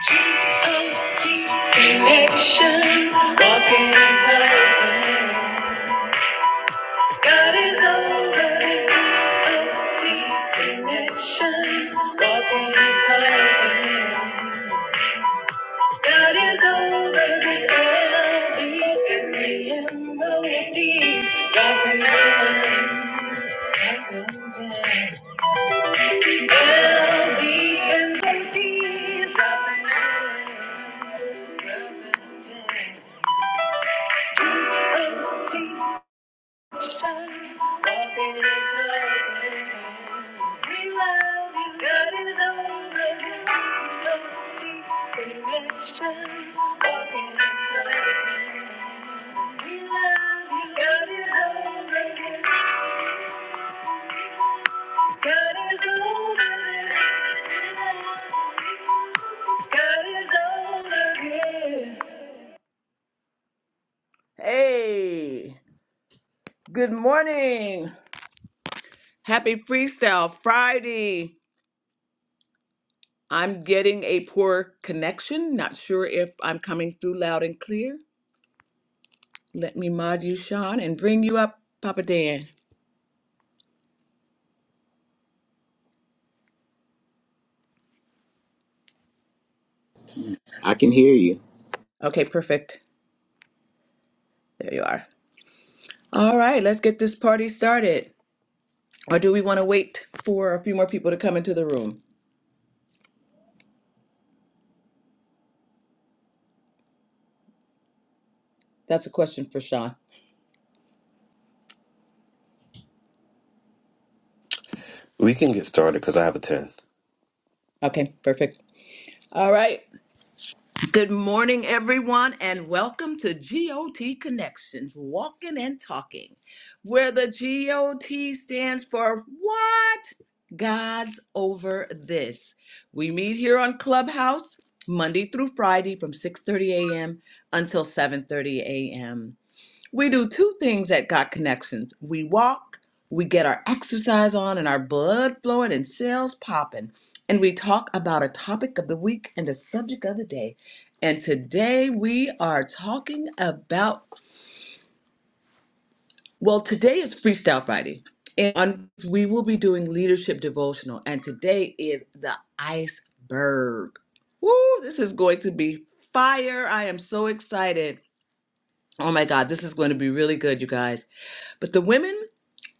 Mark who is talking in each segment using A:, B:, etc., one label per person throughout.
A: G-O-T connections. Walking and talking. God is over. It's G-O-T connections. Walking and talking. God is over. this. L-E in the M-O-Ds. Loving times. Loving times. L-E in the M O Ds. Loving times. Loving times. Hey, good morning. Happy Freestyle Friday. I'm getting a poor connection. Not sure if I'm coming through loud and clear. Let me mod you, Sean, and bring you up, Papa Dan.
B: I can hear you.
A: Okay, perfect. There you are. All right, let's get this party started. Or do we want to wait for a few more people to come into the room? That's a question for Sean.
C: We can get started because I have a 10.
A: Okay, perfect. All right. Good morning, everyone, and welcome to GOT Connections Walking and Talking, where the GOT stands for What? God's Over This. We meet here on Clubhouse Monday through Friday from 6:30 a.m. until 7:30 a.m. We do two things at Got Connections we walk, we get our exercise on and our blood flowing and cells popping, and we talk about a topic of the week and a subject of the day. And today we are talking about, well, today is Freestyle Friday. And on- we will be doing leadership devotional, and today is the iceberg. Woo, this is going to be fire. I am so excited. Oh my God, this is going to be really good, you guys. But the women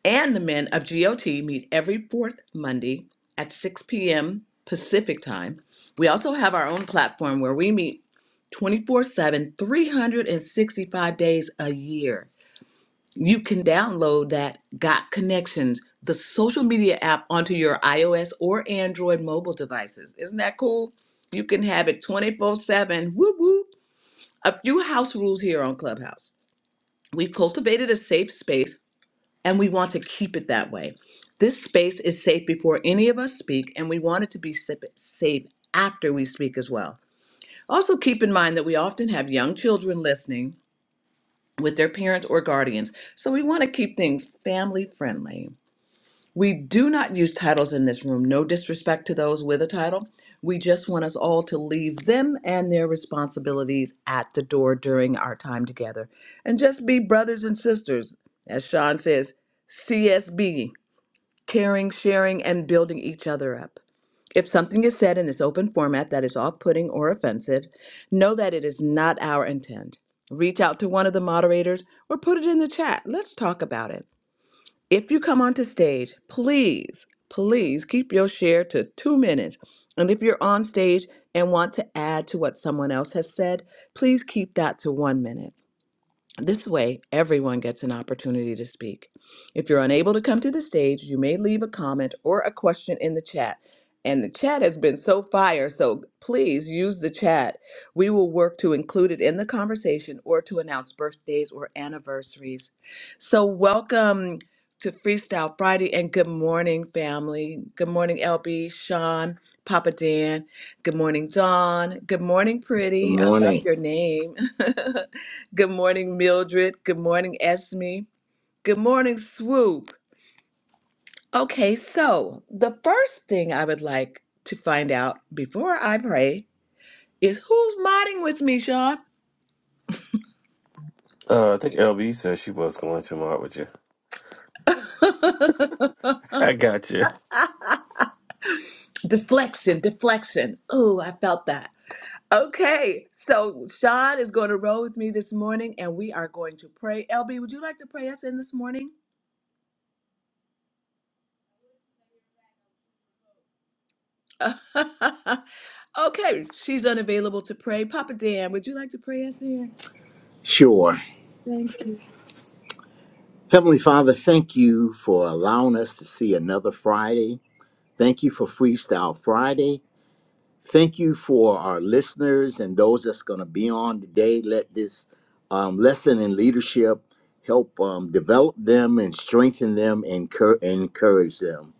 A: and the men of GOT meet every fourth Monday at 6 p.m. Pacific time. We also have our own platform where we meet 24 7, 365 days a year. You can download that Got Connections, the social media app, onto your iOS or Android mobile devices. Isn't that cool? You can have it 24 7. Whoop, whoop. A few house rules here on Clubhouse. We've cultivated a safe space and we want to keep it that way. This space is safe before any of us speak, and we want it to be sa- safe after we speak as well. Also, keep in mind that we often have young children listening with their parents or guardians, so we want to keep things family friendly. We do not use titles in this room, no disrespect to those with a title. We just want us all to leave them and their responsibilities at the door during our time together and just be brothers and sisters. As Sean says, CSB caring, sharing, and building each other up. If something is said in this open format that is off putting or offensive, know that it is not our intent. Reach out to one of the moderators or put it in the chat. Let's talk about it. If you come onto stage, please, please keep your share to two minutes. And if you're on stage and want to add to what someone else has said, please keep that to one minute. This way, everyone gets an opportunity to speak. If you're unable to come to the stage, you may leave a comment or a question in the chat. And the chat has been so fire, so please use the chat. We will work to include it in the conversation or to announce birthdays or anniversaries. So, welcome to Freestyle Friday and good morning, family. Good morning, LB, Sean, Papa Dan. Good morning, John. Good morning,
B: Good
A: Pretty. I love
B: morning.
A: your name. Good morning, Mildred. Good morning, Esme. Good morning, Swoop. Okay, so the first thing I would like to find out before I pray is who's modding with me, Sean?
C: Uh, I think LB said she was going to mod with you. I got you.
A: Deflection, deflection. Ooh, I felt that. Okay, so Sean is going to roll with me this morning and we are going to pray. LB, would you like to pray us in this morning? okay, she's unavailable to pray. Papa Dan, would you like to pray us in?
B: Sure.
A: Thank you.
B: Heavenly Father, thank you for allowing us to see another Friday. Thank you for Freestyle Friday. Thank you for our listeners and those that's going to be on today. Let this um, lesson in leadership help um, develop them and strengthen them and cur- encourage them.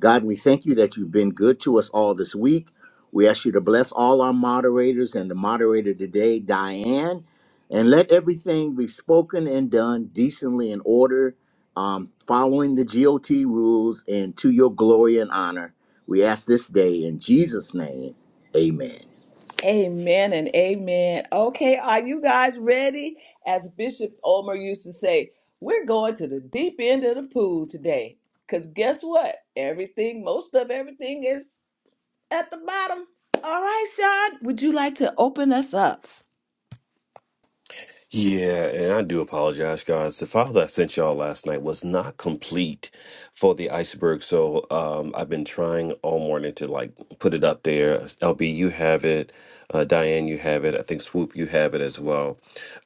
B: God, we thank you that you've been good to us all this week. We ask you to bless all our moderators and the moderator today, Diane, and let everything be spoken and done decently in order, um, following the GOT rules and to your glory and honor. We ask this day in Jesus' name, amen.
A: Amen and amen. Okay, are you guys ready? As Bishop Omer used to say, we're going to the deep end of the pool today. Because guess what? Everything, most of everything is at the bottom. All right, Sean, would you like to open us up?
C: Yeah, and I do apologize, guys. The file that I sent y'all last night was not complete for the iceberg, so um, I've been trying all morning to like put it up there. LB, you have it. Uh, Diane, you have it. I think Swoop, you have it as well.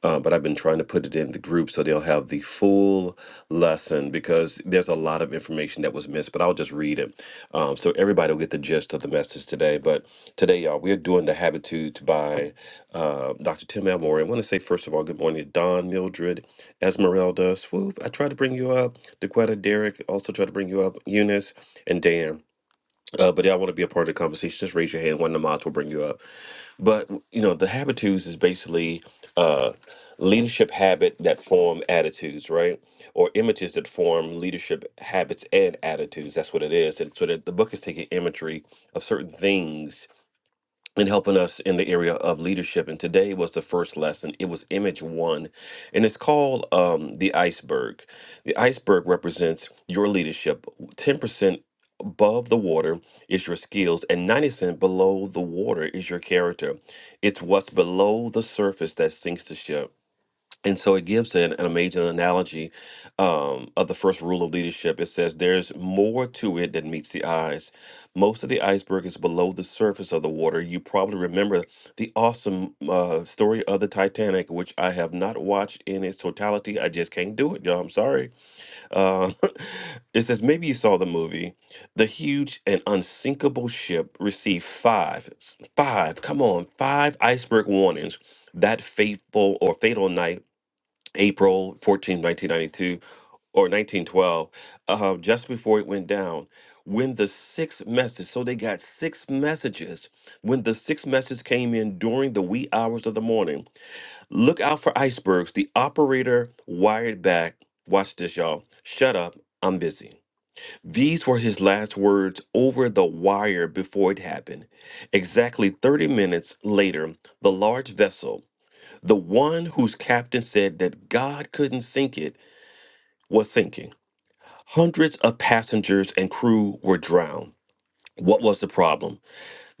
C: Uh, but I've been trying to put it in the group so they'll have the full lesson because there's a lot of information that was. was missed, but I'll just read it um, so everybody will get the gist of the message today. But today, y'all, we're doing the Habitudes by uh, Dr. Tim Elmore. I want to say, first of all, good morning to Don, Mildred, Esmeralda, Swoop. I tried to bring you up, Dequetta, Derek, also tried to bring you up, Eunice, and Dan. Uh, but all want to be a part of the conversation. Just raise your hand. One of the mods will bring you up. But you know, the habitudes is basically uh, leadership habit that form attitudes, right? Or images that form leadership habits and attitudes. That's what it is. And so that the book is taking imagery of certain things and helping us in the area of leadership. And today was the first lesson. It was image one, and it's called um, the iceberg. The iceberg represents your leadership. 10% above the water is your skills, and 90% below the water is your character. It's what's below the surface that sinks the ship. And so it gives an, an amazing analogy um, of the first rule of leadership. It says there's more to it than meets the eyes. Most of the iceberg is below the surface of the water. You probably remember the awesome uh, story of the Titanic, which I have not watched in its totality. I just can't do it, y'all. I'm sorry. Uh, it says maybe you saw the movie. The huge and unsinkable ship received five, five, come on, five iceberg warnings that fateful or fatal night April 14, 1992, or 1912, uh, just before it went down, when the sixth message, so they got six messages. When the sixth message came in during the wee hours of the morning, look out for icebergs. The operator wired back, watch this, y'all. Shut up, I'm busy. These were his last words over the wire before it happened. Exactly 30 minutes later, the large vessel, the one whose captain said that God couldn't sink it, was sinking. Hundreds of passengers and crew were drowned. What was the problem?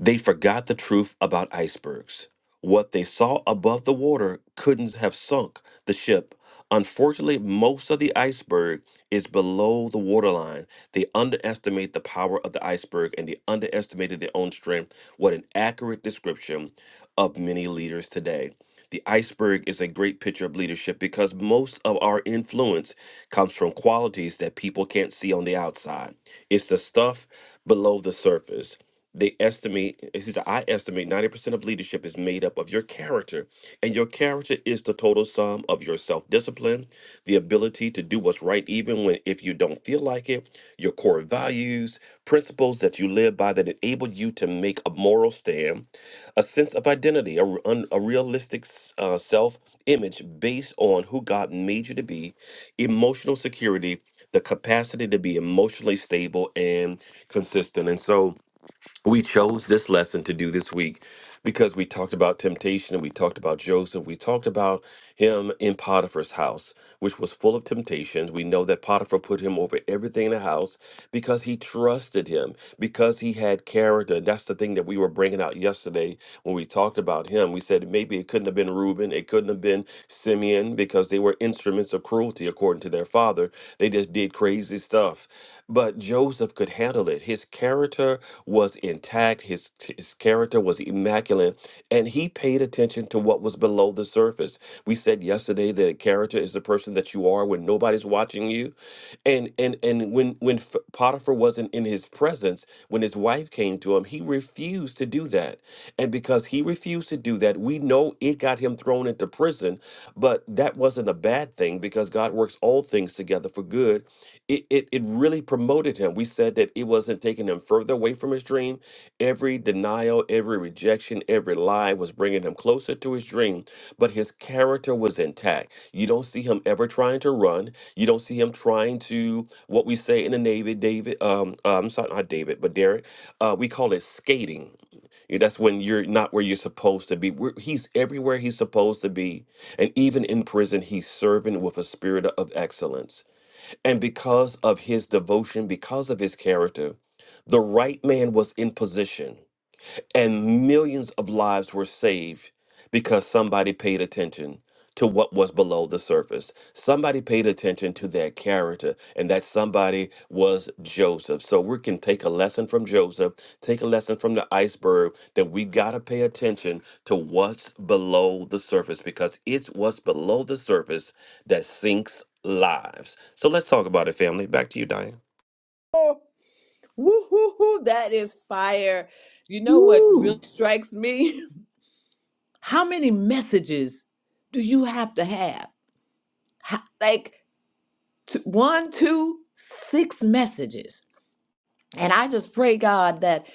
C: They forgot the truth about icebergs. What they saw above the water couldn't have sunk the ship. Unfortunately, most of the iceberg is below the waterline. They underestimate the power of the iceberg and they underestimated their own strength. What an accurate description of many leaders today. The iceberg is a great picture of leadership because most of our influence comes from qualities that people can't see on the outside. It's the stuff below the surface. They estimate, it says, I estimate 90% of leadership is made up of your character, and your character is the total sum of your self discipline, the ability to do what's right, even when if you don't feel like it, your core values, principles that you live by that enable you to make a moral stand, a sense of identity, a, r- un- a realistic s- uh, self image based on who God made you to be, emotional security, the capacity to be emotionally stable and consistent. And so, we chose this lesson to do this week because we talked about temptation and we talked about Joseph. We talked about him in Potiphar's house, which was full of temptations. We know that Potiphar put him over everything in the house because he trusted him, because he had character. And that's the thing that we were bringing out yesterday when we talked about him. We said maybe it couldn't have been Reuben, it couldn't have been Simeon because they were instruments of cruelty according to their father. They just did did crazy stuff, but Joseph could handle it. His character was intact, his, his character was immaculate, and he paid attention to what was below the surface. We said yesterday that character is the person that you are when nobody's watching you. And and and when when F- Potiphar wasn't in his presence, when his wife came to him, he refused to do that. And because he refused to do that, we know it got him thrown into prison person, but that wasn't a bad thing because God works all things together for good. It, it, it really promoted him. We said that it wasn't taking him further away from his dream. Every denial, every rejection, every lie was bringing him closer to his dream, but his character was intact. You don't see him ever trying to run. You don't see him trying to, what we say in the Navy, David, um, uh, I'm sorry, not David, but Derek, uh, we call it skating yeah, That's when you're not where you're supposed to be. We're, he's everywhere he's supposed to be. And even in prison, he's serving with a spirit of excellence. And because of his devotion, because of his character, the right man was in position and millions of lives were saved because somebody paid attention to what was below the surface. Somebody paid attention to their character, and that somebody was Joseph. So we can take a lesson from Joseph, take a lesson from the iceberg that we got to pay attention to what's below the surface because it's what's below the surface that sinks lives. So let's talk about it, family. Back to you, Diane.
A: Oh, woo-hoo-hoo, that is fire. You know what really
B: Woo!
A: strikes me? How many messages do you have to have? How- Like, t- one, two, six messages And I just pray, God, that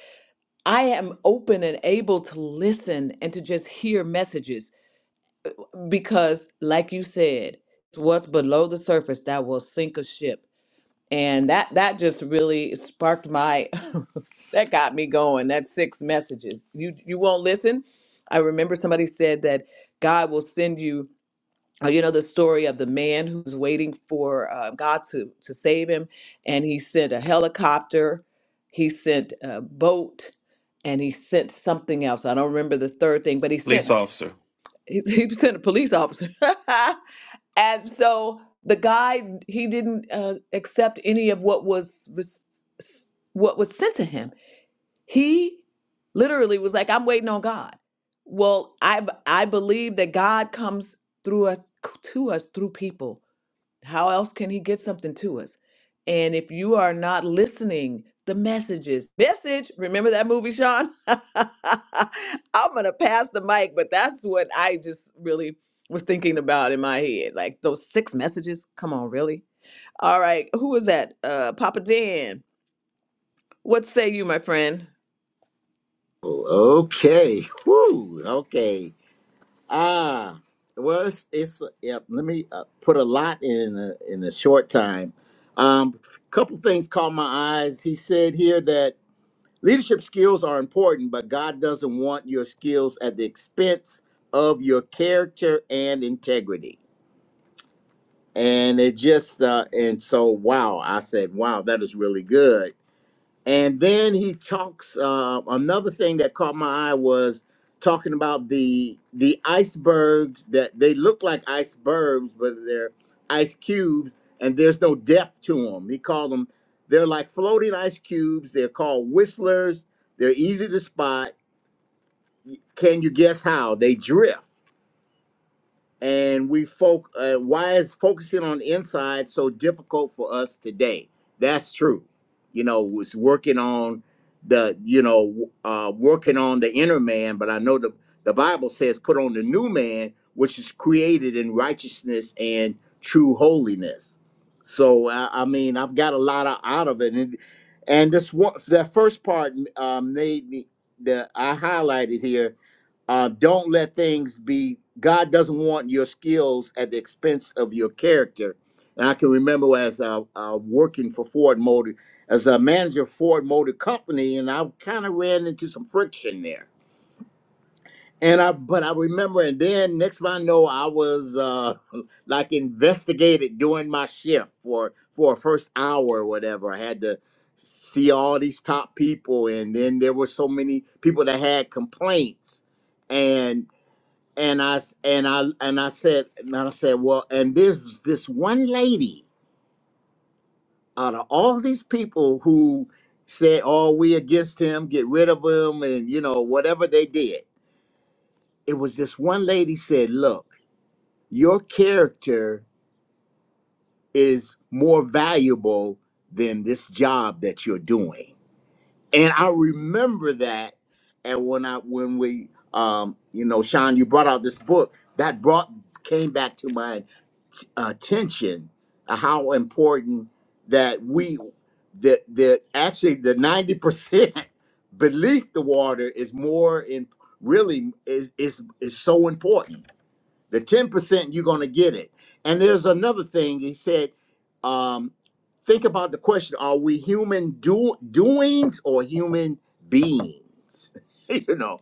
A: I am open and able to listen and to just hear messages because, like you said, what's below the surface that will sink a ship. And that that just really sparked my that got me going. That six messages. You you won't listen. I remember somebody said that God will send you uh, you know the story of the man who's waiting for uh, God to to save him, and he sent a helicopter, he sent a boat, and he sent something else. I don't remember the third thing, but he
C: Police
A: sent
C: officer.
A: he, he sent a police officer, and so the guy he didn't uh, accept any of what was res- what was sent to him he literally was like, I'm waiting on God. Well, I b- I believe that God comes through us to us through people. How else can he get something to us? And if you are not listening, the messages, message, remember that movie, Sean? I'm gonna pass the mic, but that's what I just really was thinking about in my head. Like those six messages. Come on, really? All right, who is that? Uh Papa Dan. What say you, my friend?
B: Okay. Woo! Okay. Ah, well, it's it's yeah, let me uh, put a lot in a, in a short time. Um, a couple things caught my eyes. He said here that leadership skills are important, but God doesn't want your skills at the expense of your character and integrity. And it just uh, and so wow, I said wow, that is really good and then he talks. Uh, another thing that caught my eye was talking about the the icebergs that they look like icebergs, but they're ice cubes, and there's no depth to them. He called them. They're like floating ice cubes. They're called whistlers. They're easy to spot. Can you guess how they drift? and we folk uh, why is focusing on the inside so difficult for us today that's true you know was working on the you know uh working on the inner man but i know the the bible says put on the new man which is created in righteousness and true holiness so i, I mean i've got a lot of, out of it and, and this one that first part um made me that i highlighted here uh, don't let things be god doesn't want your skills at the expense of your character and i can remember as uh, uh, working for ford motor as a manager of ford motor company and i kind of ran into some friction there and i but i remember and then next thing i know i was uh, like investigated during my shift for for a first hour or whatever i had to see all these top people and then there were so many people that had complaints and and I s- and I and I said and I said, well, and this this one lady out of all these people who said, "Oh, we against him, get rid of him," and you know whatever they did, it was this one lady said, "Look, your character is more valuable than this job that you're doing," and I remember that. And when I when we um you know Sean, you brought out this book that brought came back to my attention uh, how important that we that that actually the 90% belief the water is more in really is is is so important the 10%, you're going to get it. And there's another thing. He said, um, think about the question are we human do- doings or human beings? you know,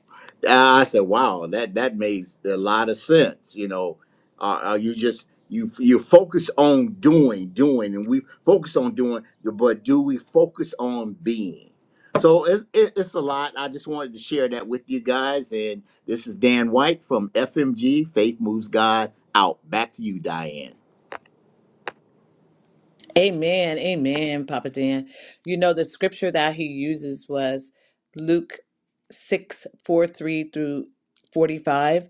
B: Uh, I said, wow, that, that makes a lot of sense. You know, uh, are you just, you, you focus on doing, doing, and we focus on doing, but do we focus on being? So it's it, it's a lot. I just wanted to share that with you guys. And this is Dan White from FMG. Faith moves God out. Back to you, Diane.
A: Amen. Amen, Papa Dan. You know, the scripture that he uses was Luke six four three through 45.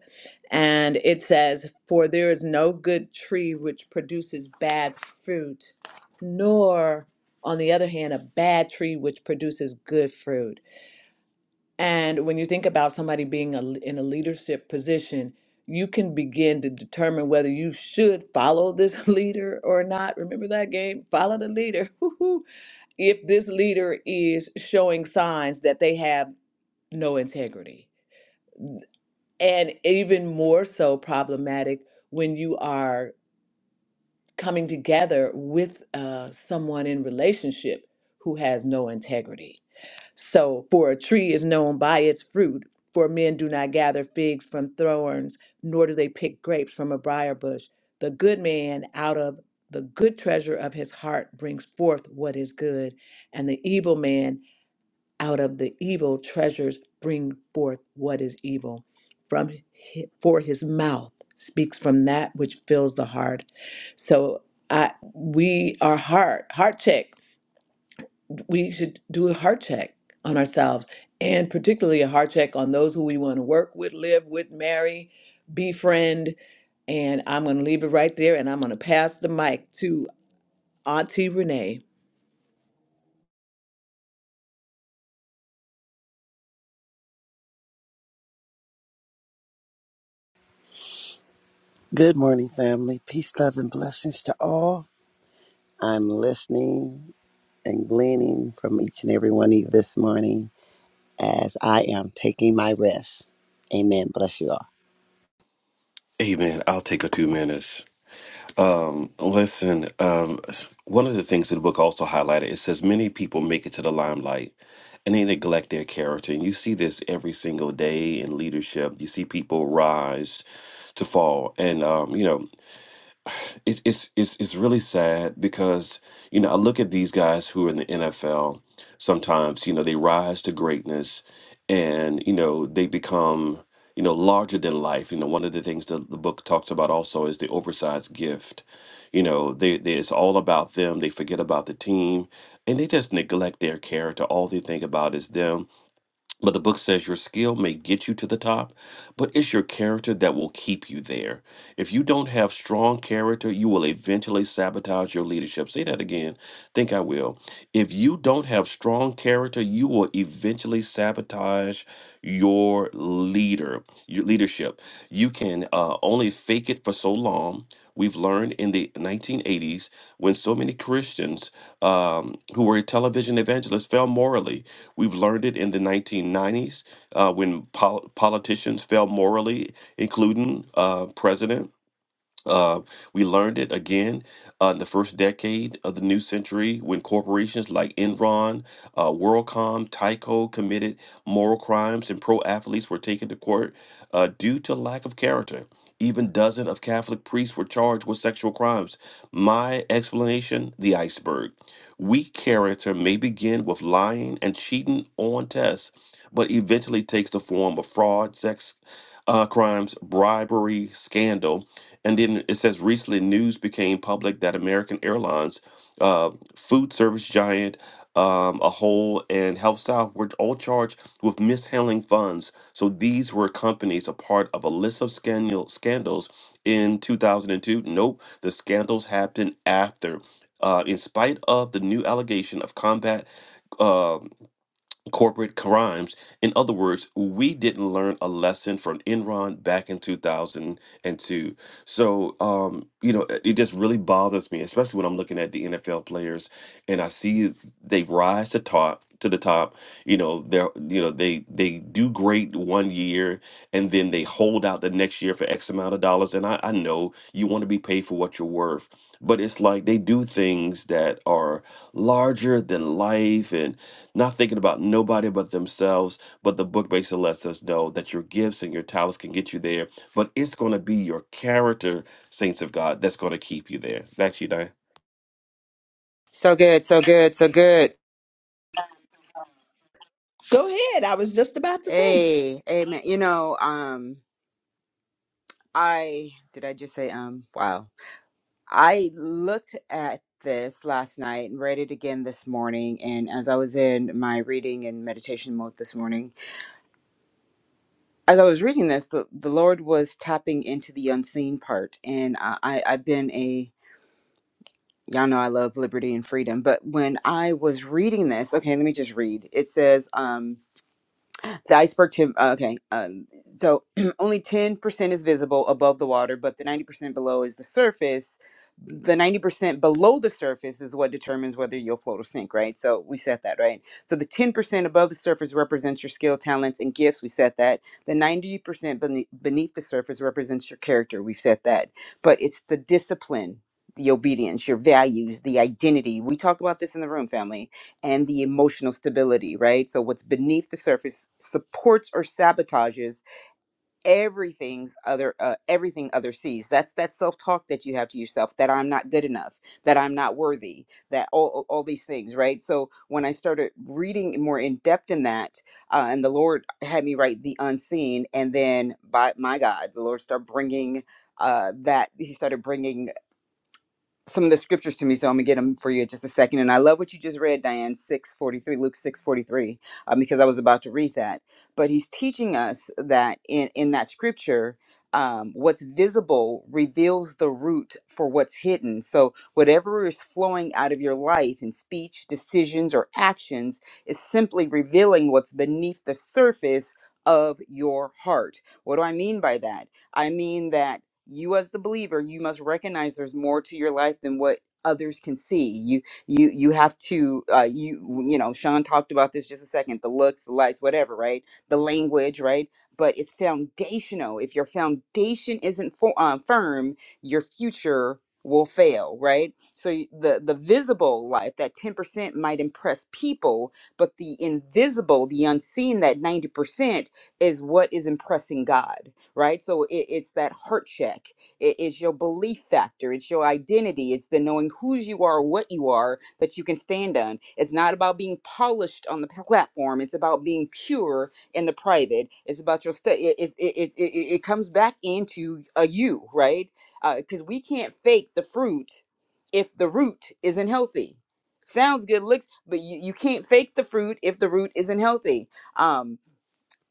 A: And it says, For there is no good tree which produces bad fruit, nor, on the other hand, a bad tree which produces good fruit. And when you think about somebody being a, in a leadership position, you can begin to determine whether you should follow this leader or not. Remember that game? Follow the leader. Woo-hoo. if this leader is showing signs that they have no integrity, and even more so problematic when you are coming together with uh, someone in relationship who has no integrity So, for a tree is known by its fruit, for men do not gather figs from thorns, nor do they pick grapes from a briar bush. The good man out of the good treasure of his heart brings forth what is good, and the evil man out of the evil treasures bring forth what is evil. From hi- for his mouth speaks from that which fills the heart. So I we our heart heart check we should do a heart check on ourselves and particularly a heart check on those who we want to work with, live with, marry, befriend. And I'm going to leave it right there and I'm going to pass the mic to Auntie Renee.
D: Good morning, family. Peace, love, and blessings to all. I'm listening and gleaning from each and every one of you this morning as I am taking my rest. Amen. Bless you all.
C: Amen. I'll take a two minutes. Um, listen, um, one of the things that the book also highlighted, it says many people make it to the limelight and they neglect their character. And you see this every single day in leadership. You see people rise to fall. And, um, you know, it, it's it's it's really sad because you know I look at these guys who are in the NFL. Sometimes you know they rise to greatness, and you know they become you know larger than life. You know one of the things that the book talks about also is the oversized gift. You know they, they it's all about them. They forget about the team, and they just neglect their character. All they think about is them but the book says your skill may get you to the top, but it's your character that will keep you there. If you don't have strong character, you will eventually sabotage your leadership. Say that again. Think I will. If you don't have strong character, you will eventually sabotage your leader, your leadership. You can uh, only fake it for so long. We've learned in the 1980s when so many Christians um, who were television evangelists fell morally We've learned it in the 1990s uh, when pol- politicians failed morally, including uh, President uh, we learned it again uh, in the first decade of the new century when corporations like Enron, uh, WorldCom, Tyco committed moral crimes and pro athletes were taken to court uh, due to lack of character. Even dozens of Catholic priests were charged with sexual crimes. My explanation the iceberg. Weak character may begin with lying and cheating on tests, but eventually takes the form of fraud, sex uh, crimes, bribery, scandal and then it says recently news became public that American Airlines, uh, food service giant, um, a whole and Health South were all charged with mishandling funds. So these were companies a part of a list of scandal scandals in 2002. Nope, the scandals happened after. Uh, in spite of the new allegation of combat uh, corporate crimes. In other words, we didn't learn a lesson from Enron back in 2002. So, um, you know, it it just really bothers me, especially when I'm looking at the NFL players and I see they rise to top to the top. You know, they're you know they they do great one year and then they hold out the next year for X amount of dollars. And I, I know you want to be paid for what you're worth, but it's like they do things that are larger than life and not thinking about nobody but themselves. But the book basically lets us know that your gifts and your talents can get you there, but it's going to be your character, saints of God, that's going to keep you there. That's you, Diane.
E: So good, so good, so good.
A: Go ahead. I was just about to say.
E: Hey, amen. You know, um, I did I just say um? Wow, I looked at this last night and read it again this morning. And as I was in my reading and meditation mode this morning, as I was reading this, the, the Lord was tapping into the unseen part. And I, I I've been a y'all know I love liberty and freedom, but when I was reading this, okay, let me just read. It says, um. The iceberg tim uh, okay. Um, so only 10% is visible above the water, but the 90% below is the surface. The 90% below the surface is what determines whether you'll float or sink, right? So we set that, right? So the 10% above the surface represents your skill, talents, and gifts. We set that. The 90% bene- beneath the surface represents your character. We've set that. But it's the discipline, the obedience, your values, the identity. We talk about this in the room, family and the emotional stability, right? So what's beneath the surface supports or sabotages everything's other uh, everything other sees. That's that self-talk that you have to yourself that I'm not good enough, that I'm not worthy, that all all all these things, right? So when I started reading more in depth in that, uh, and the Lord had me write the unseen, and then by my God, the Lord started bringing uh, that He started bringing some of the scriptures to me, so I'm gonna get them for you in just a second. And I love what you just read, Diane six forty three, Luke six forty three, um, because I was about to read that. But he's teaching us that in in that scripture, um, what's visible reveals the root for what's hidden. So whatever is flowing out of your life in speech, decisions, or actions is simply revealing what's beneath the surface of your heart. What do I mean by that? I mean that you as the believer you must recognize there's more to your life than what others can see you you you have to uh you you know sean talked about this just a second the looks the lights whatever right the language right but it's foundational if your foundation isn't for, uh firm your future will fail right so y- the the visible life that 10% might impress people but the invisible the unseen that 90% is what is impressing god right? So it, it's that heart check. It is your belief factor. It's your identity. It's the knowing whose you are, what you are, that you can stand on. It's not about being polished on the platform. It's about being pure in the private. It's about your study. It, it, it, it, it comes back into a you, right? Because we can't fake the fruit if the root isn't healthy. Sounds good, looks, but you, you can't fake the fruit if the root isn't healthy. Um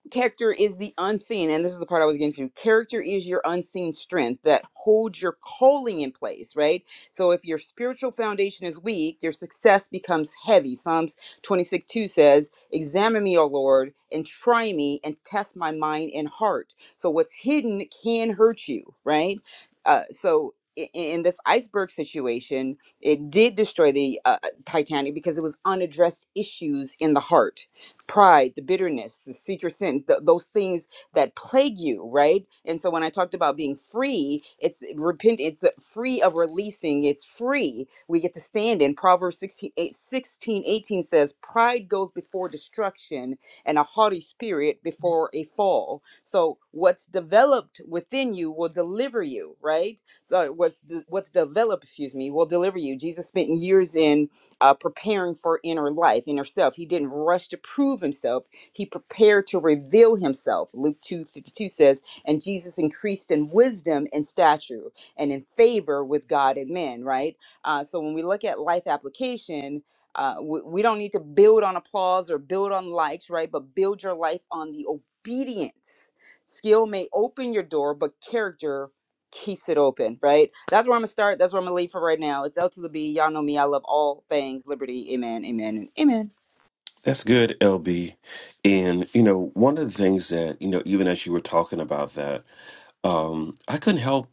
E: character is the unseen and this is the part i was getting to character is your unseen strength that holds your calling in place right so if your spiritual foundation is weak your success becomes heavy psalms 26 2 says examine me o lord and try me and test my mind and heart so what's hidden can hurt you right uh, so i- in this iceberg situation, it did destroy the uh, Titanic because it was unaddressed issues in the heart pride, the bitterness, the secret sin, th- those things that plague you, right? And so when I talked about being free, it's eh, repent, it's eh, free of releasing, it's free. We get to stand in Proverbs 16, eight, sixteen, eighteen says, Pride goes before destruction and a haughty spirit before a fall. So what's developed within you will deliver you, right? So what's de- what's developed, excuse me, will deliver you. Jesus spent years in uh, preparing for inner life, inner self. He didn't rush to prove himself. He prepared to reveal himself. Luke two fifty two says, And Jesus increased in wisdom and stature and in favor with God and men, right? Uh, so when we look at life application, uh, we, we don't need to build on applause or build on likes, right? But build your life on the obedience. Skill may open your door, but character keeps it open, right? That's where I'm gonna start. That's where I'm gonna leave for right now. It's L to the B. Y'all know me. I love all things liberty. Amen. Amen. And amen.
C: That's good, LB. And you know, one of the things that you know, even as you were talking about that, um, I couldn't help,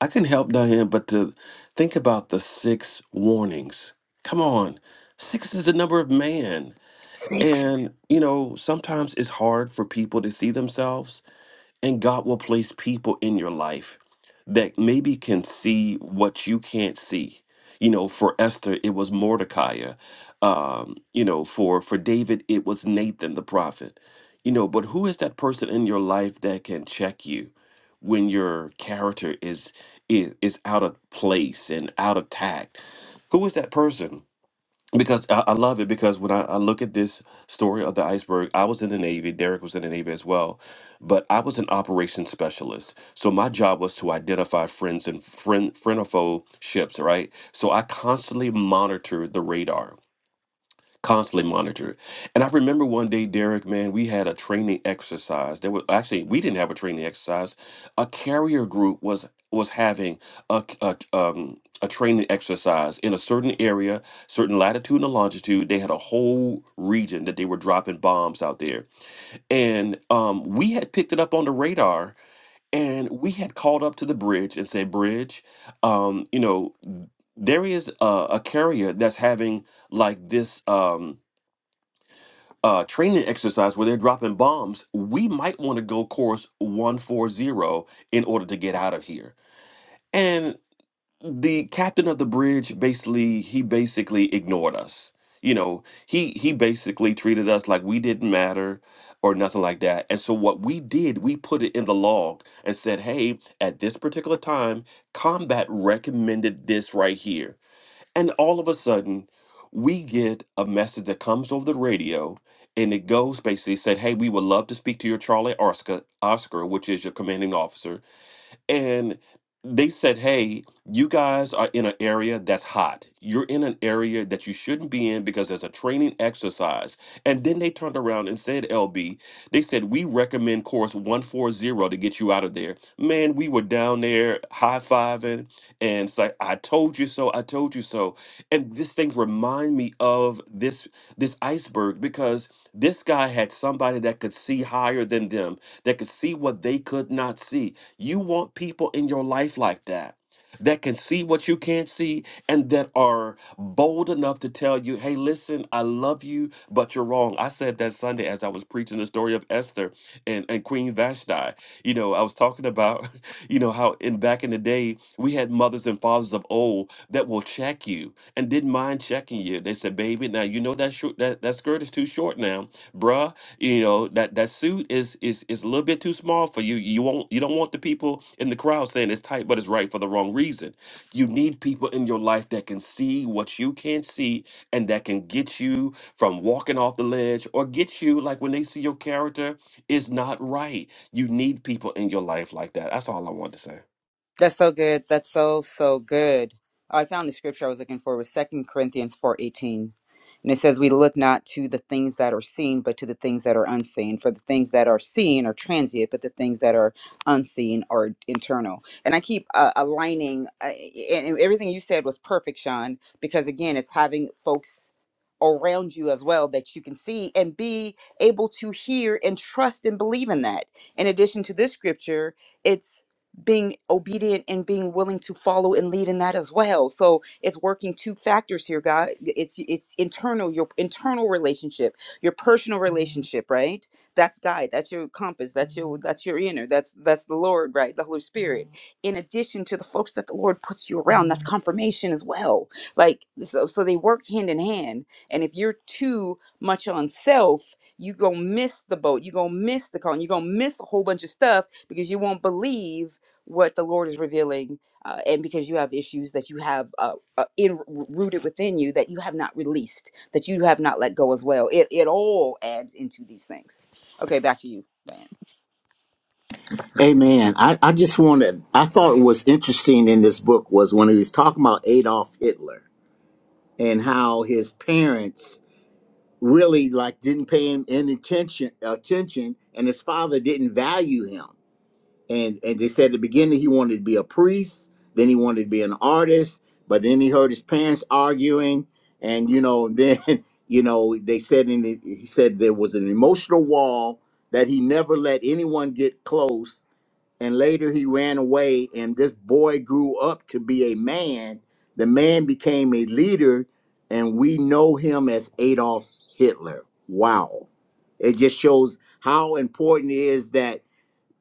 C: I couldn't help Diane, but to think about the six warnings. Come on, six is the number of man,
A: Six.
C: and you know, sometimes it's hard for people to see themselves And God will place people in your life that maybe can see what you can't see. You know, for Esther, it was Mordecai. Um, you know, for for David, it was Nathan the prophet. You know, but who is that person in your life that can check you when your character is is, is out of place and out of tact? Who is that person? because I, I love it because when I, I look at this story of the iceberg i was in the navy derek was in the navy as well but i was an operations specialist so my job was to identify friends and friend friend or foe ships right so i constantly monitored the radar constantly monitored. And I remember one day, Derek, man, we had a training exercise. There was actually we didn't have a training exercise. A carrier group was was having a c- a t- um, a training exercise in a certain area, certain latitude and longitude. They had a whole region that they were dropping bombs out there, and um, we had picked it up on the radar. And we had called up to the bridge and said, "Bridge, um, you know, there is a, a carrier that's having like this." Um, uh, training exercise where they're dropping bombs, we might want to go course 140 in order to get out of here. And the captain of the bridge basically, he basically ignored us. You know, he he basically treated us like we didn't matter or nothing like that. And so what we did, we put it in the log and said, "Hey, at this particular time, combat recommended this right here." And all of a sudden, we get a message that comes over the radio and it goes basically said, Hey, we would love to speak to your Charlie Oscar, Oscar, which is your commanding officer. And they said, hey, you guys are in an area that's hot. You're in an area that you shouldn't be in because there's a training exercise. And then they turned around and said, LB, they said, we recommend course 140 to get you out of there. Man, we were down there high fiving and it's like, I told you so, I told you so. And this thing remind me of this this iceberg because this guy had somebody that could see higher than them, that could see what they could not see you want people in your life like that that can see what you can't see and that are bold enough to tell you, hey, listen, I love you, but you're wrong. I said that Sunday as I was preaching the story of Esther and, and Queen Vashti. You know, I was talking about, you know, how in back in the day we had mothers and fathers of old that will check you and didn't mind checking you. They said, baby, now you know that short that, that skirt is too short now. Bruh, you know that that suit is is is a little bit too small for you. You won't you don't want the people in the crowd saying it's tight, but it's right for the wrong reason. You need people in your life that can see what you can't see and that can get you from walking off the ledge or get you like when they see your character is not right. You need people in your life like that. That's all I wanted to say.
E: That's so good. That's so so good. Oh, I found the scripture I was looking for was Second Corinthians four eighteen, and it says, "We look not to the things that are seen, but to the things that are unseen. For the things that are seen are transient, but the things that are unseen are internal." And I keep uh, aligning, uh, and and everything you said was perfect, Sean. Because again, it's having folks around you as well that you can see and be able to hear and trust and believe in that. In addition to this scripture, it's being obedient and being willing to follow and lead in that as well. So it's working two factors here, God. It's it's internal, your internal relationship, your personal Mhm. relationship, right? That's guide. That's your compass. That's your that's your inner. That's that's the Lord, right? The Holy Spirit. Mhm. In addition to the folks that the Lord puts you around, that's Mhm. confirmation as well. Like so, so they work hand in hand. And if you're too much on self, you gonna miss the boat. You gonna miss the call. You gonna miss a whole bunch of stuff because you won't believe what the Lord is revealing, uh, and because you have issues that you have uh, uh, in, rooted within you that you have not released, that you have not let go as well. It it all adds into these things. Okay, back to you, Diane.
B: Amen. I, I just wanted. I thought was interesting in this book was when he was talking about Adolf Hitler and how his parents really like didn't pay him any attention attention, and his father didn't value him and and they said at the beginning he wanted to be a priest, then he wanted to be an artist, but then he heard his parents arguing, and you know, then you know they said in the, he said there was an emotional wall that he never let anyone get close, and later he ran away, and this boy grew up to be a man. The man became a leader, and we know him as Adolf Hitler. Wow, it just shows how important it is that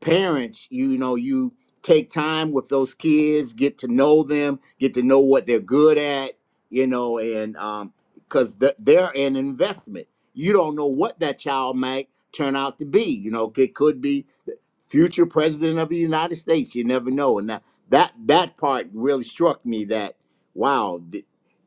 B: parents, you know, you take time with those kids, get to know them, get to know what they're good at, you know, and um, because th- they're an investment. You don't know what that child might turn out to be. You know, it could be future president of the United States. You never know. And that that, that part really struck me that wow, th-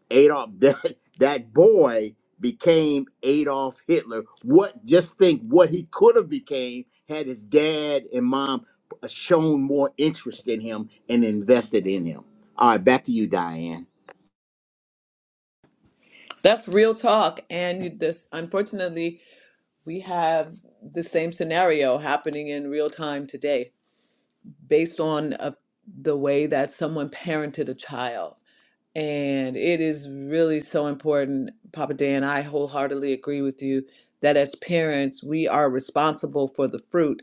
B: Adolf that that boy became Adolf Hitler. What just think what he could have became had his dad and mom shown more interest in him and invested in him. All right, back to you, Diane.
A: That's real talk. And this, unfortunately, we have the same scenario happening in real time today based on uh the way that someone parented a child. And it is really so important, Papa Dan. I wholeheartedly agree with you that as parents, we are responsible for the fruit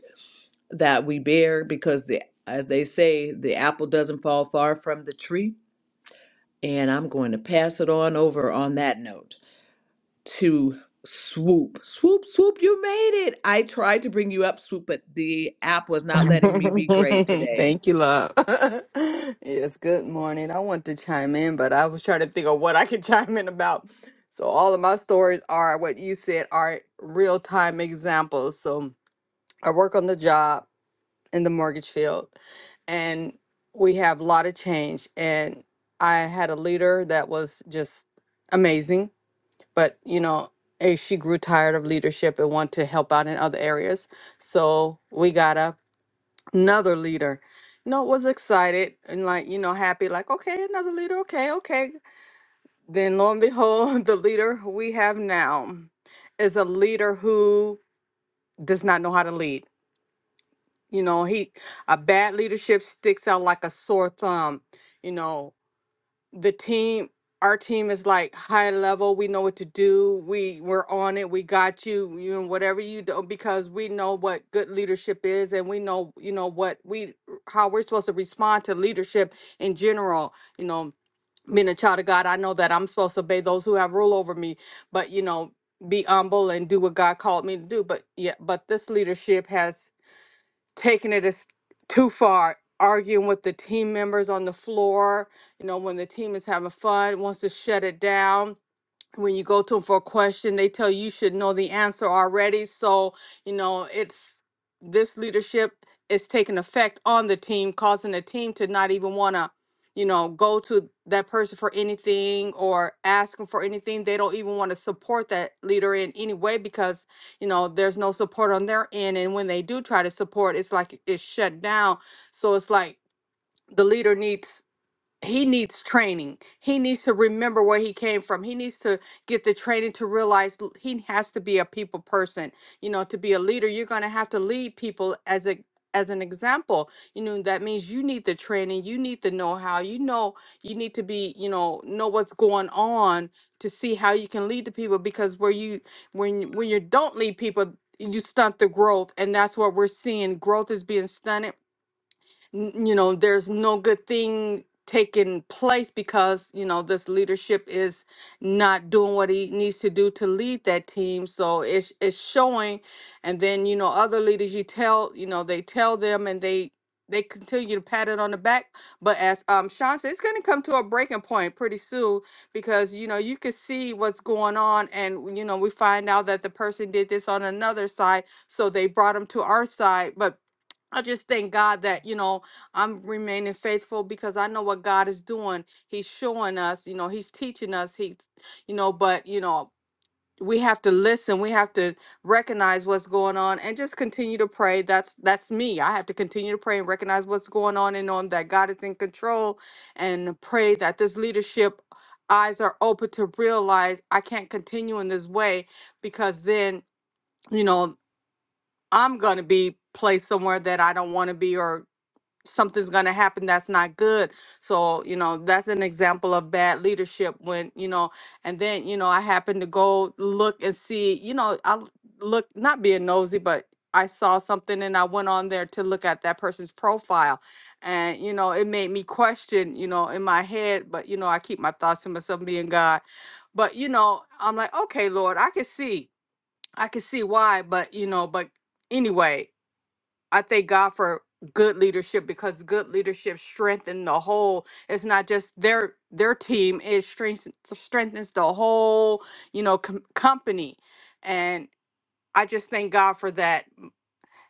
A: that we bear because, the, as they say, the apple doesn't fall far from the tree. And I'm going to pass it on over on that note to Swoop. Swoop, Swoop, you made it. I tried to bring you up, Swoop, but the app was not letting me be great today.
F: Thank you, love. yes, good morning. I want to chime in, but I was trying to think of what I could chime in about. So, all of my stories are what you said are real time examples. So, I work on the job in the mortgage field, and we have a lot of change. And I had a leader that was just amazing, but you know, eh, she grew tired of leadership and wanted to help out in other areas. So, we got up another leader. You know, was excited and like, you know, happy, like, okay, another leader, okay, okay. Then lo and behold, the leader we have now is a leader who does not know how to lead. You know, he a bad leadership sticks out like a sore thumb. You know, the team our team is like high level we know what to do we we're on it we got you you know whatever you do because we know what good leadership is and we know you know what we how we're supposed to respond to leadership in general you know being a child of god i know that i'm supposed to obey those who have rule over me but you know be humble and do what god called me to do but yeah but this leadership has taking it as too far, arguing with the team members on the floor. You know, when the team is having fun, wants to shut it down when you go to them for a question, they tell you you should know the answer already. So, you know, it's this leadership is taking effect on the team, causing the team to not even want to, you know, go to that person for anything or ask them for anything. They don't even want to support that leader in any way because, you know, there's no support on their end. And when they do try to support, it's like it's shut down. So it's like the leader needs he needs training. He needs to remember where he came from. He needs to get the training to realize l- he has to be a people person. You know, to be a leader, you're going to have to lead people as a as an example. You know, that means you need the training, you need the know-how. You know, you need to be, you know, know what's going on to see how you can lead the people because where you when you- when you don't lead people, you stunt the growth and that's what we're seeing. Growth is being stunted n- you know there's no good thing taking place because you know this leadership is not doing what he needs to do to lead that team so it's it's showing and then you know other leaders you tell you know they tell them and they they continue to pat it on the back but as um sean said it's going to come to a breaking point pretty soon because you know you could see what's going on and you know we find out that the person did this on another side so they brought them to our side but I just thank God that, you know, I'm remaining faithful because I know what God is doing. He's showing us, you know, He's teaching us. He's, you know, but, you know, we have to listen. We have to recognize what's going on and just continue to pray. That's that's me. I have to continue to pray and recognize what's going on and on that God is in control and pray that this leadership eyes are open to realize I can't continue in this way because then, you know, I'm going to be placed somewhere that I don't want to be or something's going to happen that's not good so you know that's an example of bad leadership when you know and then you know i happened to go look and see you know i l- look not being nosy but i saw something and i went on there to look at that person's profile and you know it made me question you know in my head but you know i keep my thoughts to myself being god but you know i'm like okay lord i can see i can see why but you know but anyway I thank God for good leadership because good leadership strengthens the whole. It's not just their their team; it strengthens strengthens the whole, you know, com- company. And I just thank God for that,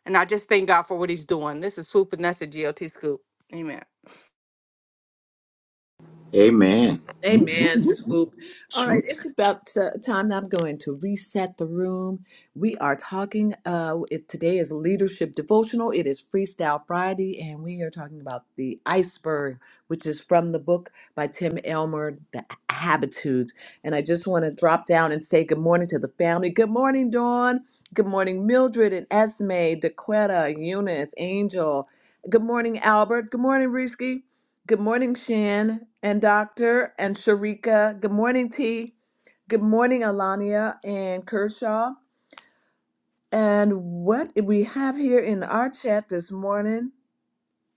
F: and I just thank God for what He's doing. This is Swoop, and that's a G O T scoop. Amen.
B: Amen.
A: Amen, swoop. All right, it's about uh, time that I'm going to reset the room. We are talking, uh, it, today is leadership devotional. It is Freestyle Friday, and we are talking about the iceberg, which is from the book by Tim Elmer, The Habitudes. And I just want to drop down and say good morning to the family. Good morning, Dawn. Good morning, Mildred and Esme, DeQuetta, Eunice, Angel. Good morning, Albert. Good morning, Risky. Good morning, Shan and Doctor and Sharika. Good morning, T. Good morning, Alania and Kershaw. And what we have here in our chat this morning,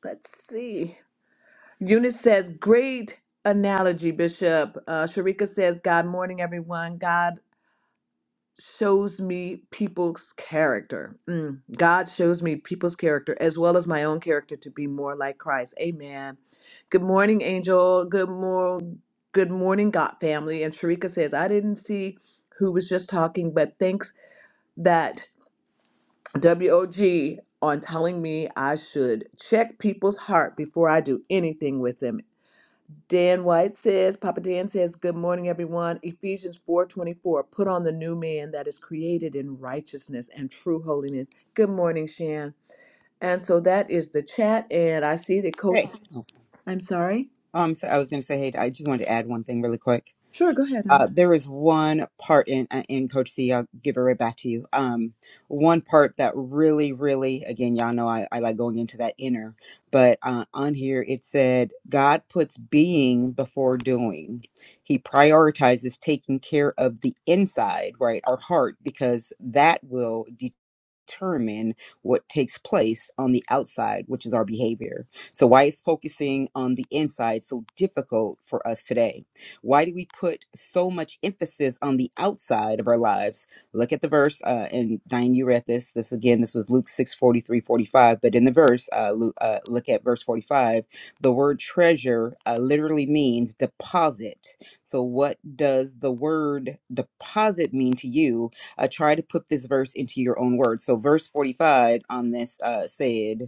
A: let's see. Eunice says, great analogy, Bishop. Uh, Sharika says, God morning, everyone. God shows me people's character. Mm. God shows me people's character as well as my own character to be more like Christ. Amen. Good morning, Angel. Good morning. Good morning, God family. And Sharika says, I didn't see who was just talking, but thanks that WOG on telling me I should check people's heart before I do anything with them. Dan White says, Papa Dan says, Good morning, everyone. Ephesians 4:24. Put on the new man that is created in righteousness and true holiness. Good morning, Shan. And so that is the chat. And I see that Coach
E: Hey. Oh,
A: I'm sorry.
E: um, so I was going to say, hey, I just wanted to add one thing really quick.
A: Sure, go ahead, honey.
E: Uh, there is one part in uh, in Coach C. I'll give it right back to you. Um, one part that really, really, again, y'all know I, I like going into that inner, but uh, on here it said God puts being before doing. He prioritizes taking care of the inside, right, our heart, because that will determine determine what takes place on the outside, which is our behavior. So, why is focusing on the inside so difficult for us today? Why do we put so much emphasis on the outside of our lives? Look at the verse, uh, and Diane, you read this. This again, this was Luke 6 43 45. But in the verse, uh, Luke, uh, look at verse 45, the word treasure uh, literally means deposit. So, what does the word deposit mean to you? Uh, try to put this verse into your own words. So, verse 45 on this uh, said,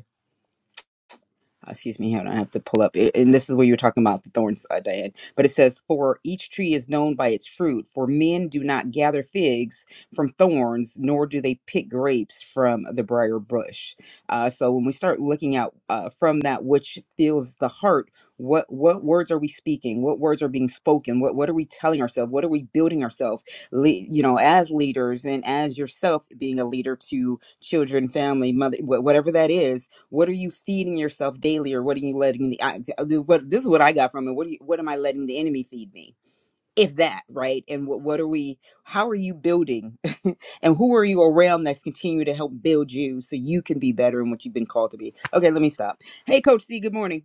E: uh, excuse me, hold on, I have to pull up. It, and this is where you were talking about the thorns, uh, Diane. But it says, "For each tree is known by its fruit. For men do not gather figs from thorns, nor do they pick grapes from the briar bush." Uh, so when we start looking out uh, from that which fills the heart, what what words are we speaking? What words are being spoken? What what are we telling ourselves? What are we building ourselves? Le- you know, as leaders and as yourself being a leader to children, family, mother, wh- whatever that is what are you feeding yourself daily, or what are you letting the? I, what this is what I got from it. What do you, what am I letting the enemy feed me? If that right, and what what are we? How are you building, and who are you around that's continue to help build you so you can be better in what you've been called to be? Okay, let me stop. Hey, Coach C. Good morning.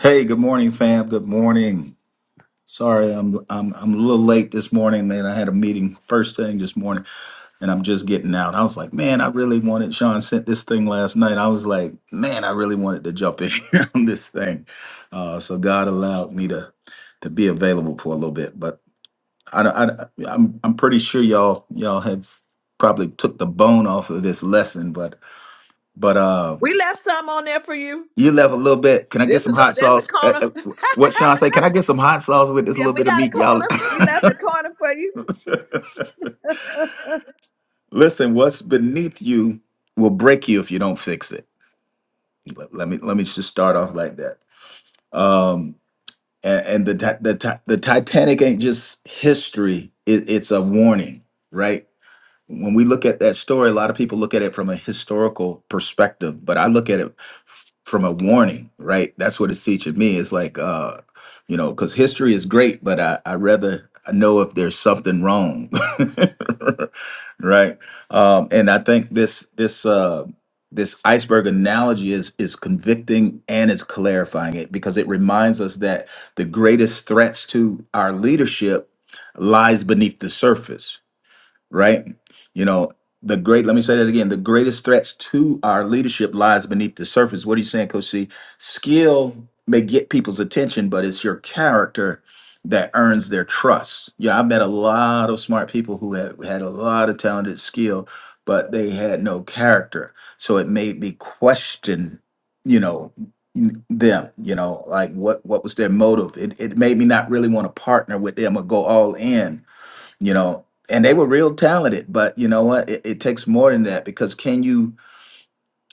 G: Hey, good morning, fam. Good morning. Sorry, I'm I'm I'm a little late this morning, man. I had a meeting first thing this morning, and I'm just getting out. I was like, man, I really wanted. Sean sent this thing last night. I was like, man, I really wanted to jump in on this thing. Uh, so God allowed me to to be available for a little bit, but I, don't- I don't- I'm I'm pretty sure y'all y'all have probably took the bone off of this lesson, but but uh.
A: We left some on there for you.
G: You left a little bit. Can I get
A: There's a
G: some hot
A: look, there's a
G: sauce? Uh,
A: corner.
G: uh, What Sean say? Can I get some hot sauce with this little
A: Yeah, we
G: bit of
A: got a
G: meat, y'all?
A: corner. We left a corner for you.
G: Listen, what's beneath you will break you if you don't fix it. Let let me let me just start off like that. Um, and, and the ti- the ti- the Titanic ain't just history; it, it's a warning, right? when we look at that story, a lot of people look at it from a historical perspective, but I look at it f- from a warning, right? That's what it's teaching me. It's like, uh, you know, because history is great, but I, I rather know if there's something wrong, right? Um, and I think this this uh, this iceberg analogy is is convicting and it's clarifying it because it reminds us that the greatest threats to our leadership lies beneath the surface right? You know, the great, let me say that again, the greatest threats to our leadership lies beneath the surface. What are you saying, Coach C? Skill may get people's attention, but it's your character that earns their trust. Yeah, I've met a lot of smart people who had, had a lot of talented skill, but they had no character. So it made me question, you know, n- them, you know, like what what was their motive? It it made me not really want to partner with them or go all in you know and they were real talented but you know what it, it takes more than that because can you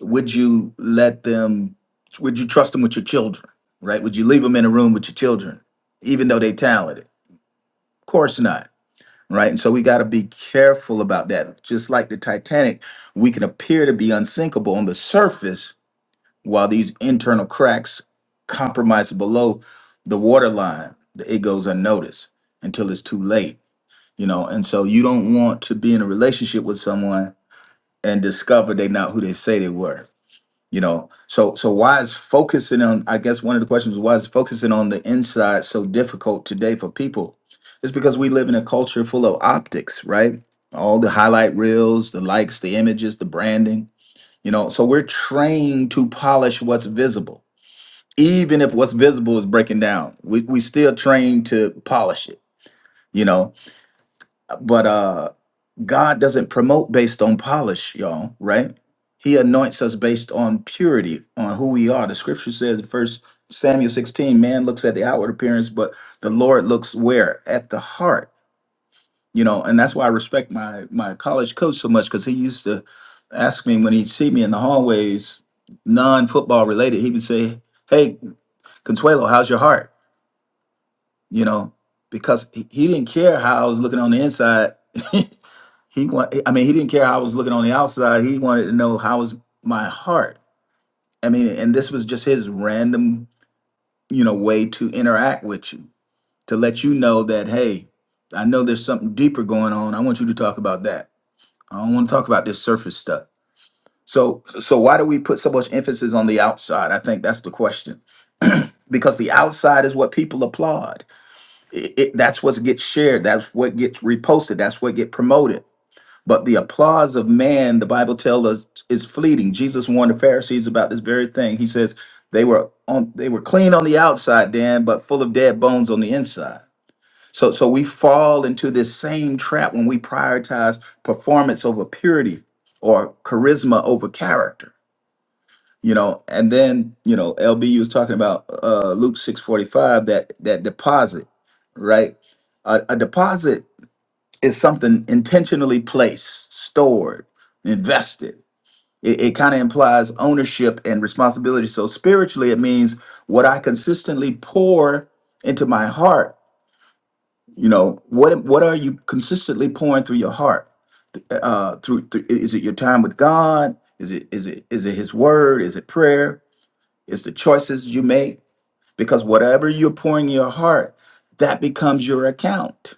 G: would you let them would you trust them with your children right would you leave them in a room with your children even though they talented of course not right and so we got to be careful about that just like the titanic we can appear to be unsinkable on the surface while these internal cracks compromise below the waterline it goes unnoticed until it's too late you know and so you don't want to be in a relationship with someone and discover they're not who they say they were you know so so why is focusing on i guess one of the questions is why is focusing on the inside so difficult today for people it's because we live in a culture full of optics right all the highlight reels the likes the images the branding you know so we're trained to polish what's visible even if what's visible is breaking down we, we still trained to polish it you know but uh God doesn't promote based on polish, y'all, right? He anoints us based on purity, on who we are. The scripture says in first Samuel 16, man looks at the outward appearance, but the Lord looks where? At the heart. You know, and that's why I respect my my college coach so much because he used to ask me when he'd see me in the hallways, non-football related, he would say, Hey, Consuelo, how's your heart? You know, because he, he didn't care how I was looking on the inside. He want, I mean, he didn't care how I was looking on the outside. He wanted to know how was my heart. I mean, and this was just his random, you know, way to interact with you to let you know that hey, I know there's something deeper going on. I want you to talk about that. I don't want to talk about this surface stuff. So, so why do we put so much emphasis on the outside? I think that's the question because the outside is what people applaud. It, it, that's what gets shared. That's what gets reposted. That's what gets promoted But the applause of man, the Bible tells us, is fleeting. Jesus warned the Pharisees about this very thing. He says they were on they were clean on the outside, Dan, but full of dead bones on the inside. So so we fall into this same trap when we prioritize performance over purity or charisma over character. You know, and then, you know, LB was talking about uh Luke 645, that that deposit, right? a a deposit is something intentionally placed, stored, invested. It, it kind of implies ownership and responsibility. So spiritually, it means what I consistently pour into my heart. You know, what what are you consistently pouring through your heart? Uh, uh, through, through is it your time with God? Is it is it is it His Word? Is it prayer? Is the choices you make? Because whatever you're pouring in your heart, that becomes your account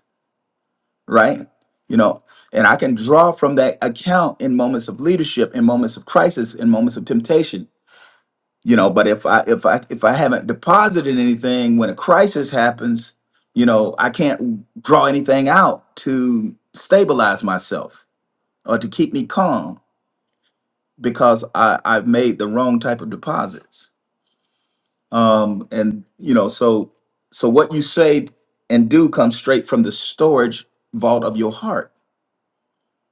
G: right? You know, and I can draw from that account in moments of leadership, in moments of crisis, in moments of temptation. You know, but if I if I if I haven't deposited anything when a crisis happens, you know, I can't draw anything out to stabilize myself or to keep me calm because I I've made the wrong type of deposits. Um, and you know, so so what you say and do comes straight from the storage vault of your heart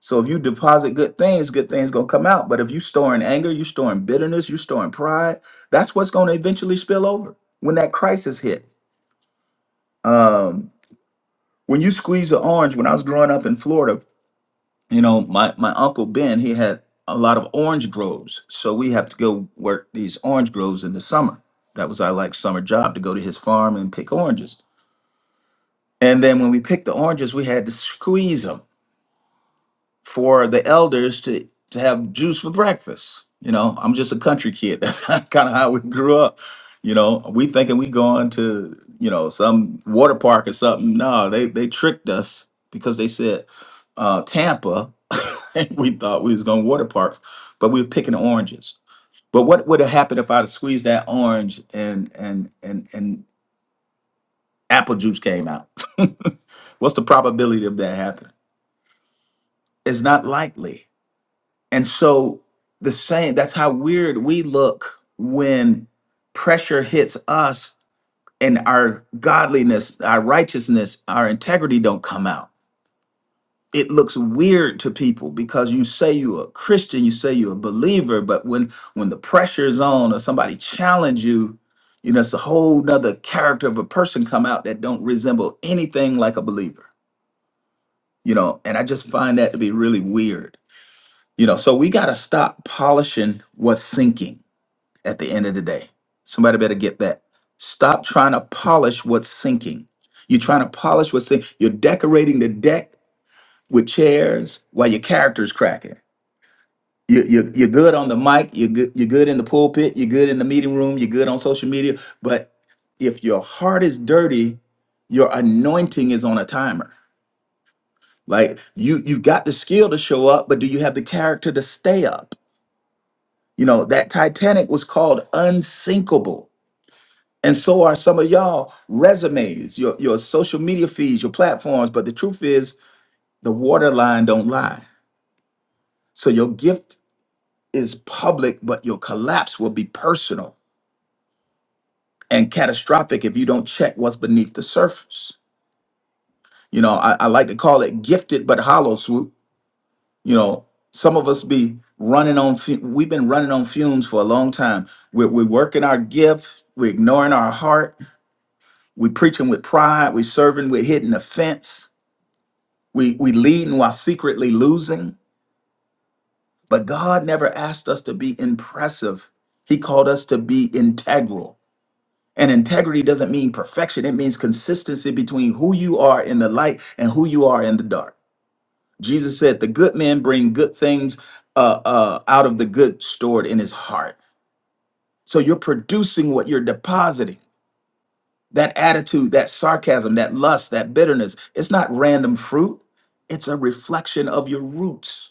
G: So if you deposit good things, good things gonna come out. But if you storing anger, you storing bitterness, you storing pride. That's what's gonna eventually spill over when that crisis hit. Um, when you squeeze an orange, when I was growing up in Florida, you know, my my uncle Ben, he had a lot of orange groves. So we have to go work these orange groves in the summer. That was our like summer job to go to his farm and pick oranges. And then when we picked the oranges, we had to squeeze them. for the elders to to have juice for breakfast. You know, I'm just a country kid. That's kind of how we grew up. You know, we thinking we going to you know some water park or something. No, they they tricked us because they said uh, Tampa. and we thought we was going to water parks, but we were picking oranges. But what would have happened if I'd have squeezed that orange and and and and apple juice came out? What's the probability of that happening? It's not likely And so the same, that's how weird we look when pressure hits us and our godliness, our righteousness, our integrity don't come out. It looks weird to people because you say you're a Christian, you say you're a believer, but when when the pressure is on or somebody challenge you, you know, it's a whole nother character of a person come out that don't resemble anything like a believer. You know, and I just find that to be really weird. You know, so we gotta stop polishing what's sinking at the end of the day. Somebody better get that. Stop trying to polish what's sinking. You're trying to polish what's sinking. You're decorating the deck with chairs while your character's cracking. You, you, you're good on the mic. You're good, you're good in the pulpit. You're good in the meeting room. You're good on social media. But if your heart is dirty, your anointing is on a timer. Like you, you've got the skill to show up, but do you have the character to stay up? You know that Titanic was called unsinkable And so are some of y'all resumes, your your social media feeds, your platforms. But the truth is, the waterline don't lie. So your gift is public, but your collapse will be personal and catastrophic if you don't check what's beneath the surface. You know, I, I like to call it gifted but hollow swoop. You know, some of us be running on. fu- We've been running on fumes for a long time. We're, we're working our gift. We're ignoring our heart. We're preaching with pride. We're serving. We're hitting the fence We we leading while secretly losing. But God never asked us to be impressive. He called us to be integral. And integrity doesn't mean perfection. It means consistency between who you are in the light and who you are in the dark. Jesus said, "The good man bring good things uh, uh, out of the good stored in his heart." So you're producing what you're depositing. That attitude, that sarcasm, that lust, that bitterness, it's not random fruit. It's a reflection of your roots.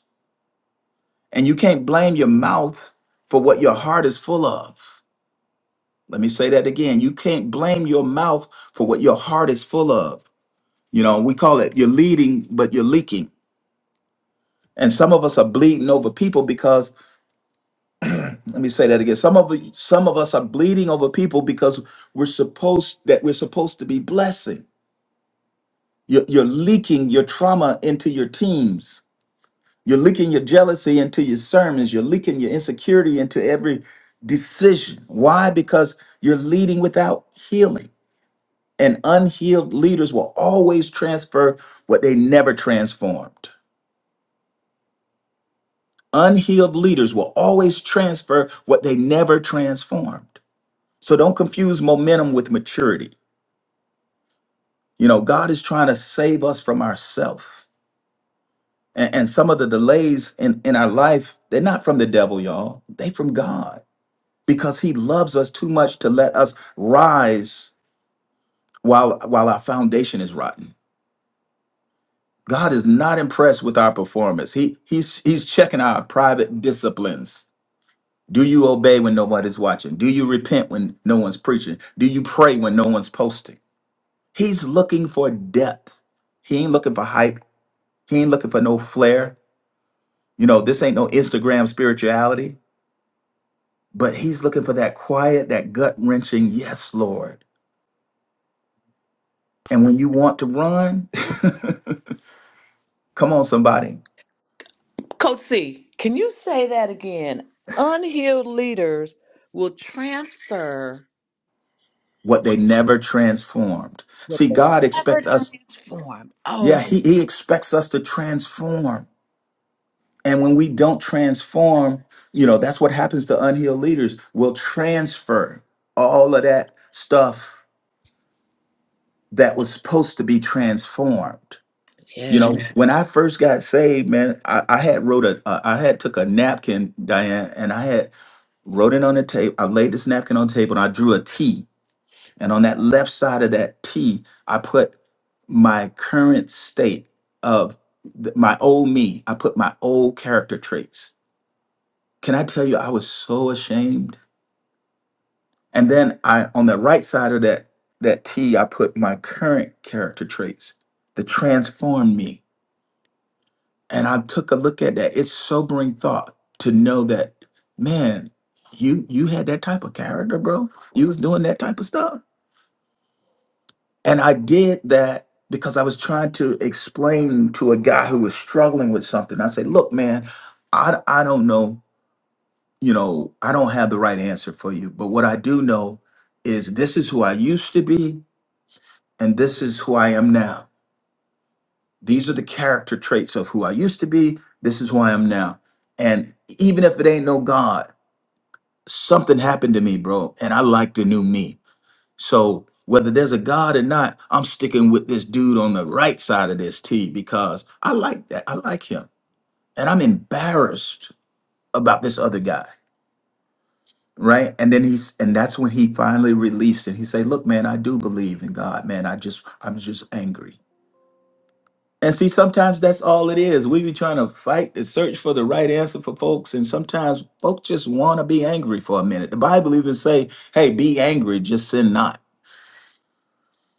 G: And you can't blame your mouth for what your heart is full of. Let me say that again. You can't blame your mouth for what your heart is full of. You know, we call it you're leading, but you're leaking. And some of us are bleeding over people because let me say that again. Some of some of us are bleeding over people because we're supposed that we're supposed to be blessing. You're, you're leaking your trauma into your teams You're leaking your jealousy into your sermons. You're leaking your insecurity into every decision. Why? Because you're leading without healing. And unhealed leaders will always transfer what they never transformed. Unhealed leaders will always transfer what they never transformed. So don't confuse momentum with maturity. You know, God is trying to save us from ourselves. And, and some of the delays in, in our life, they're not from the devil, y'all. They from God. because he loves us too much to let us rise while while our foundation is rotten. God is not impressed with our performance. He he's he's checking our private disciplines. Do you obey when nobody's watching? Do you repent when no one's preaching? Do you pray when no one's posting? He's looking for depth. He ain't looking for hype. He ain't looking for no flair. You know, this ain't no Instagram spirituality, but he's looking for that quiet, that gut wrenching, yes, Lord. And when you want to run, Come on, somebody.
A: Coach C, can you say that again? Unhealed leaders will transfer.
G: What they never transformed.
A: but
G: See,
A: they
G: God
A: never
G: expects us,
A: transformed. Oh
G: yeah,
A: my
G: he, he expects us to transform. And when we don't transform, you know, that's what happens to unhealed leaders. We'll transfer all of that stuff that was supposed to be transformed. You
A: God.
G: know, Amen. when I first got saved, man, I, I had wrote a, uh, I had took a napkin, Diane, and I had wrote it on the table. I laid this napkin on the table and I drew a T And on that left side of that T, I put my current state of th- my old me. I put my old character traits. Can I tell you, I was so ashamed. And then I, on the right side of that that T, I put my current character traits the transformed me. And I took a look at that. It's sobering thought to know that, man, you you had that type of character, bro. You was doing that type of stuff And I did that because I was trying to explain to a guy who was struggling with something. I said, look, man, I, I don't know, you know, I don't have the right answer for you. But what I do know is this is who I used to be, and this is who I am now. These are the character traits of who I used to be. This is who I am now. And even if it ain't no God, something happened to me, bro. And I like the new me. So whether there's a God or not, I'm sticking with this dude on the right side of this T because I like that. I like him. And I'm embarrassed about this other guy. Right. And then he's and that's when he finally released it. He said, Look, man, I do believe in God, man. I just I'm just angry. And see, sometimes that's all it is. We be trying to fight to search for the right answer for folks. And sometimes folks just want to be angry for a minute. The Bible even say, hey, be angry, just sin not.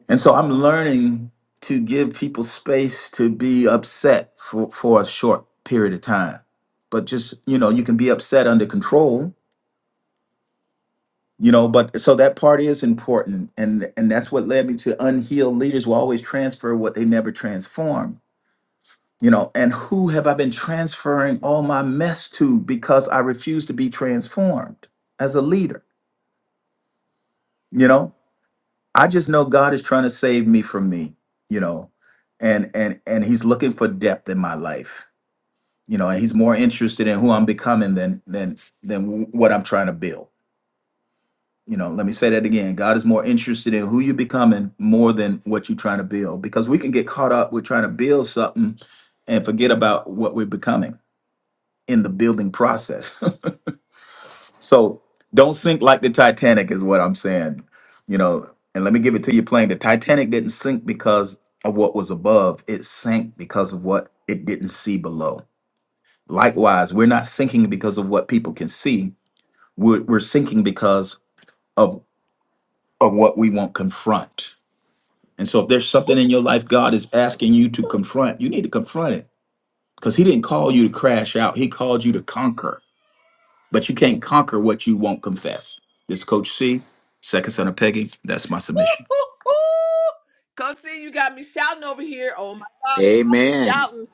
G: And so I'm learning to give people space to be upset for, for a short period of time. But just, you know, you can be upset under control, you know, but so that part is important. And and that's what led me to unhealed leaders will always transfer what they never transform. You know, and who have I been transferring all my mess to because I refuse to be transformed as a leader? You know, I just know God is trying to save me from me, you know, and and and He's looking for depth in my life, you know, and He's more interested in who I'm becoming than than than what I'm trying to build. You know, let me say that again. God is more interested in who you're becoming more than what you're trying to build, because we can get caught up with trying to build something and forget about what we're becoming in the building process. So don't sink like the Titanic is what I'm saying. You know, and let me give it to you plain. The Titanic didn't sink because of what was above. It sank because of what it didn't see below. Likewise, we're not sinking because of what people can see. We're, we're sinking because of, of what we won't confront. And so if there's something in your life God is asking you to confront, you need to confront it. Because he didn't call you to crash out. He called you to conquer. But you can't conquer what you won't confess. This Coach C, second son of Peggy. That's my submission.
A: Woo-hoo-hoo. Come see, you got me shouting over here. Oh my God, you got me
B: Amen.
A: shouting.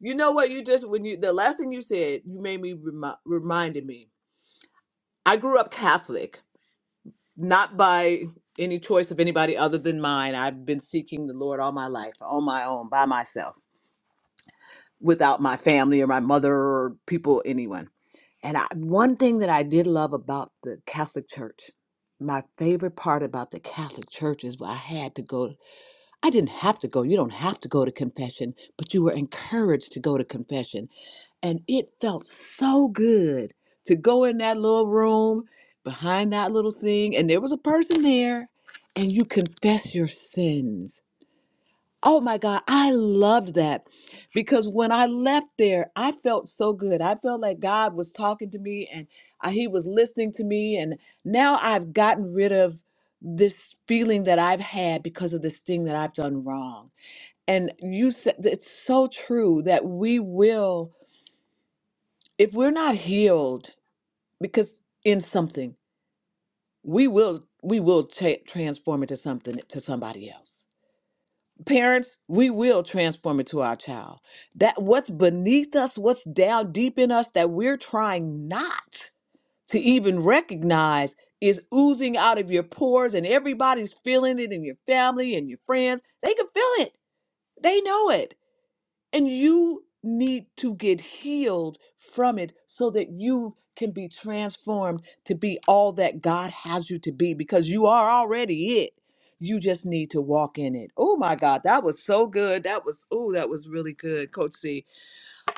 A: You know what? You just when you the last thing you said, you made me remi- reminded me. I grew up Catholic, not by any choice of anybody other than mine. I've been seeking the Lord all my life, on my own, by myself, without my family or my mother or people, anyone. And I, one thing that I did love about the Catholic Church, my favorite part about the Catholic Church is I had to go. I didn't have to go. You don't have to go to confession, but you were encouraged to go to confession. And it felt so good to go in that little room behind that little thing, and there was a person there, and you confess your sins Oh my God, I loved that because when I left there, I felt so good. I felt like God was talking to me and I, He was listening to me. And now I've gotten rid of this feeling that I've had because of this thing that I've done wrong. And you said it's so true that we will, if we're not healed, because in something, we will we will cha- transform it to something to somebody else parents we will transform it to our child that what's beneath us what's down deep in us that we're trying not to even recognize is oozing out of your pores and everybody's feeling it in your family and your friends they can feel it they know it and you need to get healed from it so that you can be transformed to be all that God has you to be because you are already it. You just need to walk in it. Oh my God, that was so good. That was oh, that was really good, Coach C.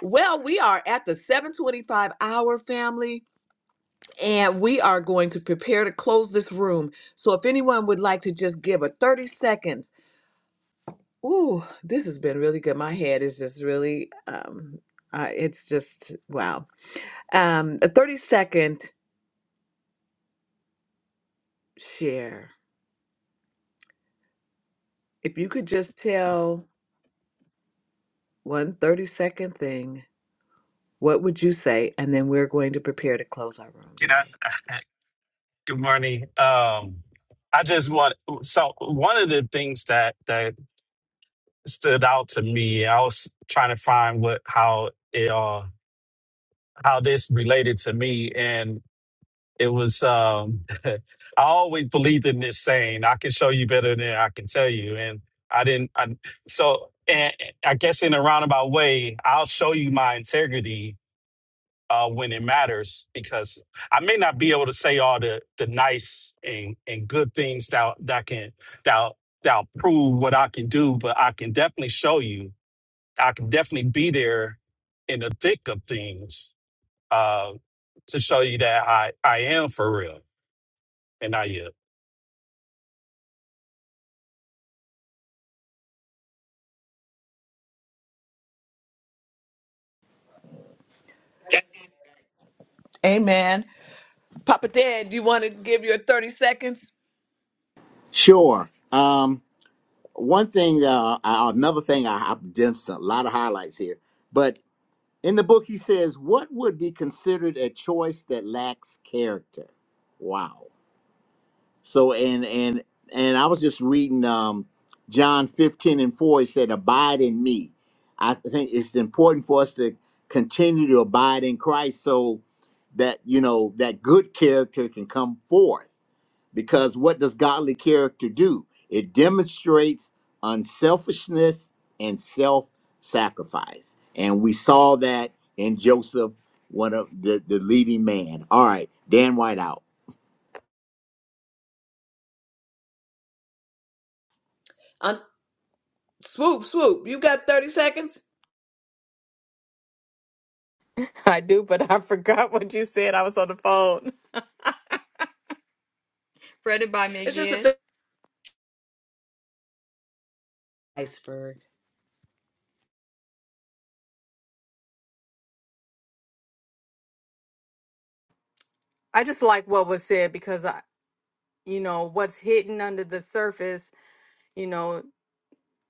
A: Well, we are at the 725 hour family, and we are going to prepare to close this room. So if anyone would like to just give a 30 seconds Ooh, this has been really good. My head is just really, um, uh, it's just wow. Um, a 30 second share. If you could just tell one 30 second thing, what would you say? And then we're going to prepare to close our room
H: Can I?
A: today.
H: s- Good morning. Um, I just want so one of the things that that stood out to me. I was trying to find what how it uh how this related to me, and it was um I always believed in this saying, "I can show you better than I can tell you," and I didn't. I, so and I guess in a roundabout way, I'll show you my integrity uh, when it matters because I may not be able to say all the the nice and and good things that that can that that prove what I can do, but I can definitely show you. I can definitely be there in the thick of things uh, to show you that I I am for real and I am.
A: Amen. Papa Dad, do you want to give your 30 seconds?
B: Sure. Um, one thing, uh, I- another thing, I, I've done some, a lot of highlights here, but In the book, he says, What would be considered a choice that lacks character? Wow. So, and, and, and I was just reading um, John 15 and 4. He said, Abide in me. I think it's important for us to continue to abide in Christ so that, you know, that good character can come forth because what does godly character do? It demonstrates unselfishness and self sacrifice. And we saw that in Joseph, one of the, the leading man. All right, Dan White out.
A: Swoop, swoop. You got 30 seconds?
F: I do, but I forgot what you said. I was on the phone. Read it by me
A: It's just a
F: again.
A: th- iceberg.
F: I just like what was said because I, you know, what's hidden under the surface. You know,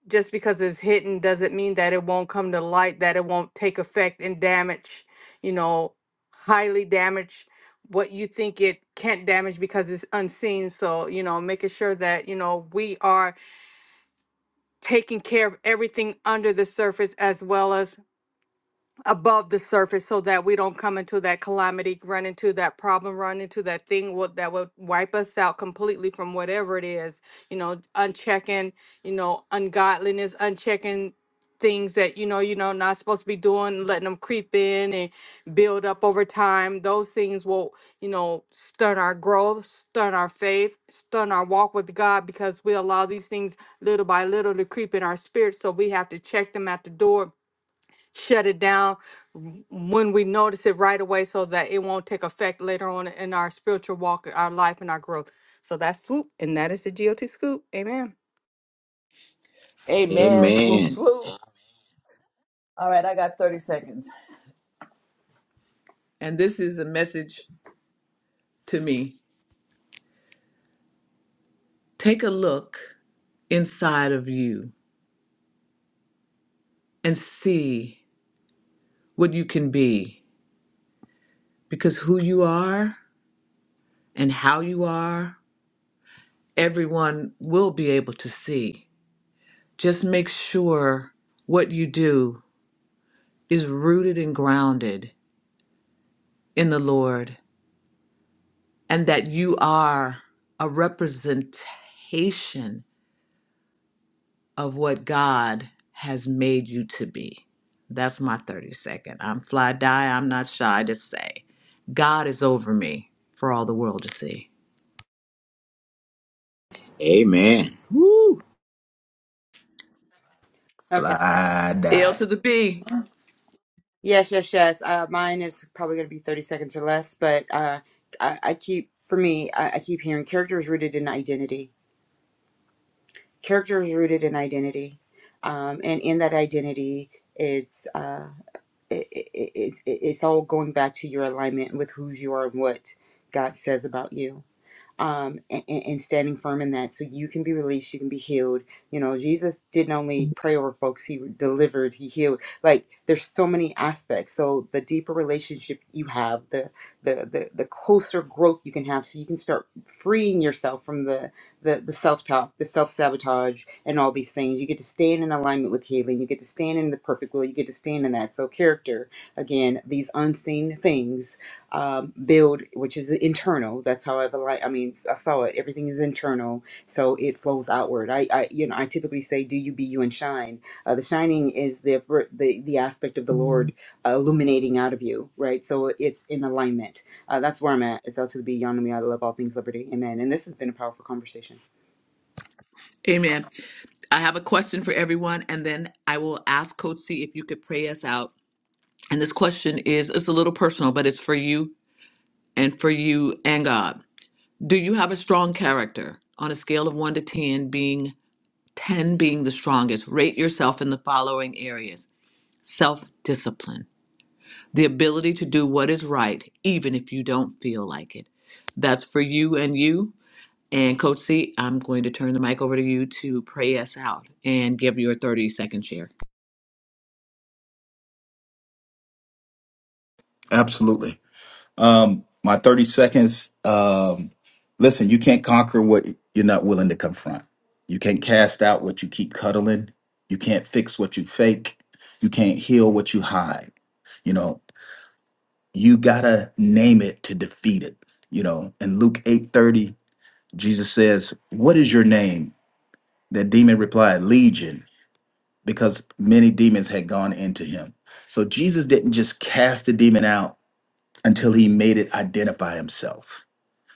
F: just because it's hidden doesn't mean that it won't come to light, that it won't take effect and damage, you know, highly damage what you think it can't damage because it's unseen. So, you know, making sure that, you know, we are taking care of everything under the surface as well as above the surface so that we don't come into that calamity, run into that problem, run into that thing what that will wipe us out completely from whatever it is, you know, unchecking, you know, ungodliness, unchecking things that you know you know not supposed to be doing letting them creep in and build up over time those things will you know stun our growth stun our faith stun our walk with god because we allow these things little by little to creep in our spirit so we have to check them at the door shut it down w- when we notice it right away so that it won't take effect later on in our spiritual walk, our life, and our growth. So that's swoop, and that is the GOT scoop. Amen.
A: Amen. Swoop,
B: Amen.
A: swoop. All right, I got 30 seconds. And this is a message to me. Take a look inside of you and see what you can be because who you are and how you are, everyone will be able to see. Just make sure what you do is rooted and grounded in the Lord and that you are a representation of what God has made you to be. That's my 30 second. I'm fly die. I'm not shy to say, God is over me for all the world to see.
B: Amen.
E: Okay.
G: Fly
A: L
G: die.
A: to the B.
E: Yes, yes, yes. Uh, mine is probably going to be 30 seconds or less, but uh, I, I keep, for me, I, I keep hearing character is rooted in identity. character is rooted in identity um, and in that identity it's uh, it, it, it's, it's all going back to your alignment with who you are and what god says about you um, and, and standing firm in that so you can be released, you can be healed. You know, Jesus didn't only pray over folks, he delivered, he healed. Like there's so many aspects. So the deeper relationship you have, the the the, the closer growth you can have so you can start freeing yourself from the the, the self-talk, the self-sabotage and all these things. You get to stand in alignment with healing, you get to stand in the perfect will, you get to stand in that. So character, again, these unseen things um, build, which is internal. That's how I've aligned. I mean, I saw it. Everything is internal, so it flows outward. I, I you know, I typically say, "Do you be you and shine." Uh, the shining is the the the aspect of the Lord uh, illuminating out of you, right? So it's in alignment. Uh, that's where I'm at. It's out to the be beyond me. I love all things liberty. Amen. And this has been a powerful conversation.
A: Amen. I have a question for everyone, and then I will ask Coach C if you could pray us out. And this question is it's a little personal, but it's for you and for you and God. Do you have a strong character on a scale of one to 10, being 10 being the strongest. Rate yourself in the following areas self discipline, the ability to do what is right, even if you don't feel like it. That's for you and you. And Coach C, I'm going to turn the mic over to you to pray us out and give your 30 second share.
G: Absolutely. My 30 seconds. Um, listen, you can't conquer what you're not willing to confront. You can't cast out what you keep cuddling. You can't fix what you fake. You can't heal what you hide. You know, you gotta name it to defeat it. You know, in Luke 8:30, Jesus says, What is your name? That demon replied, Legion because many demons had gone into him. So Jesus didn't just cast the demon out until he made it identify himself.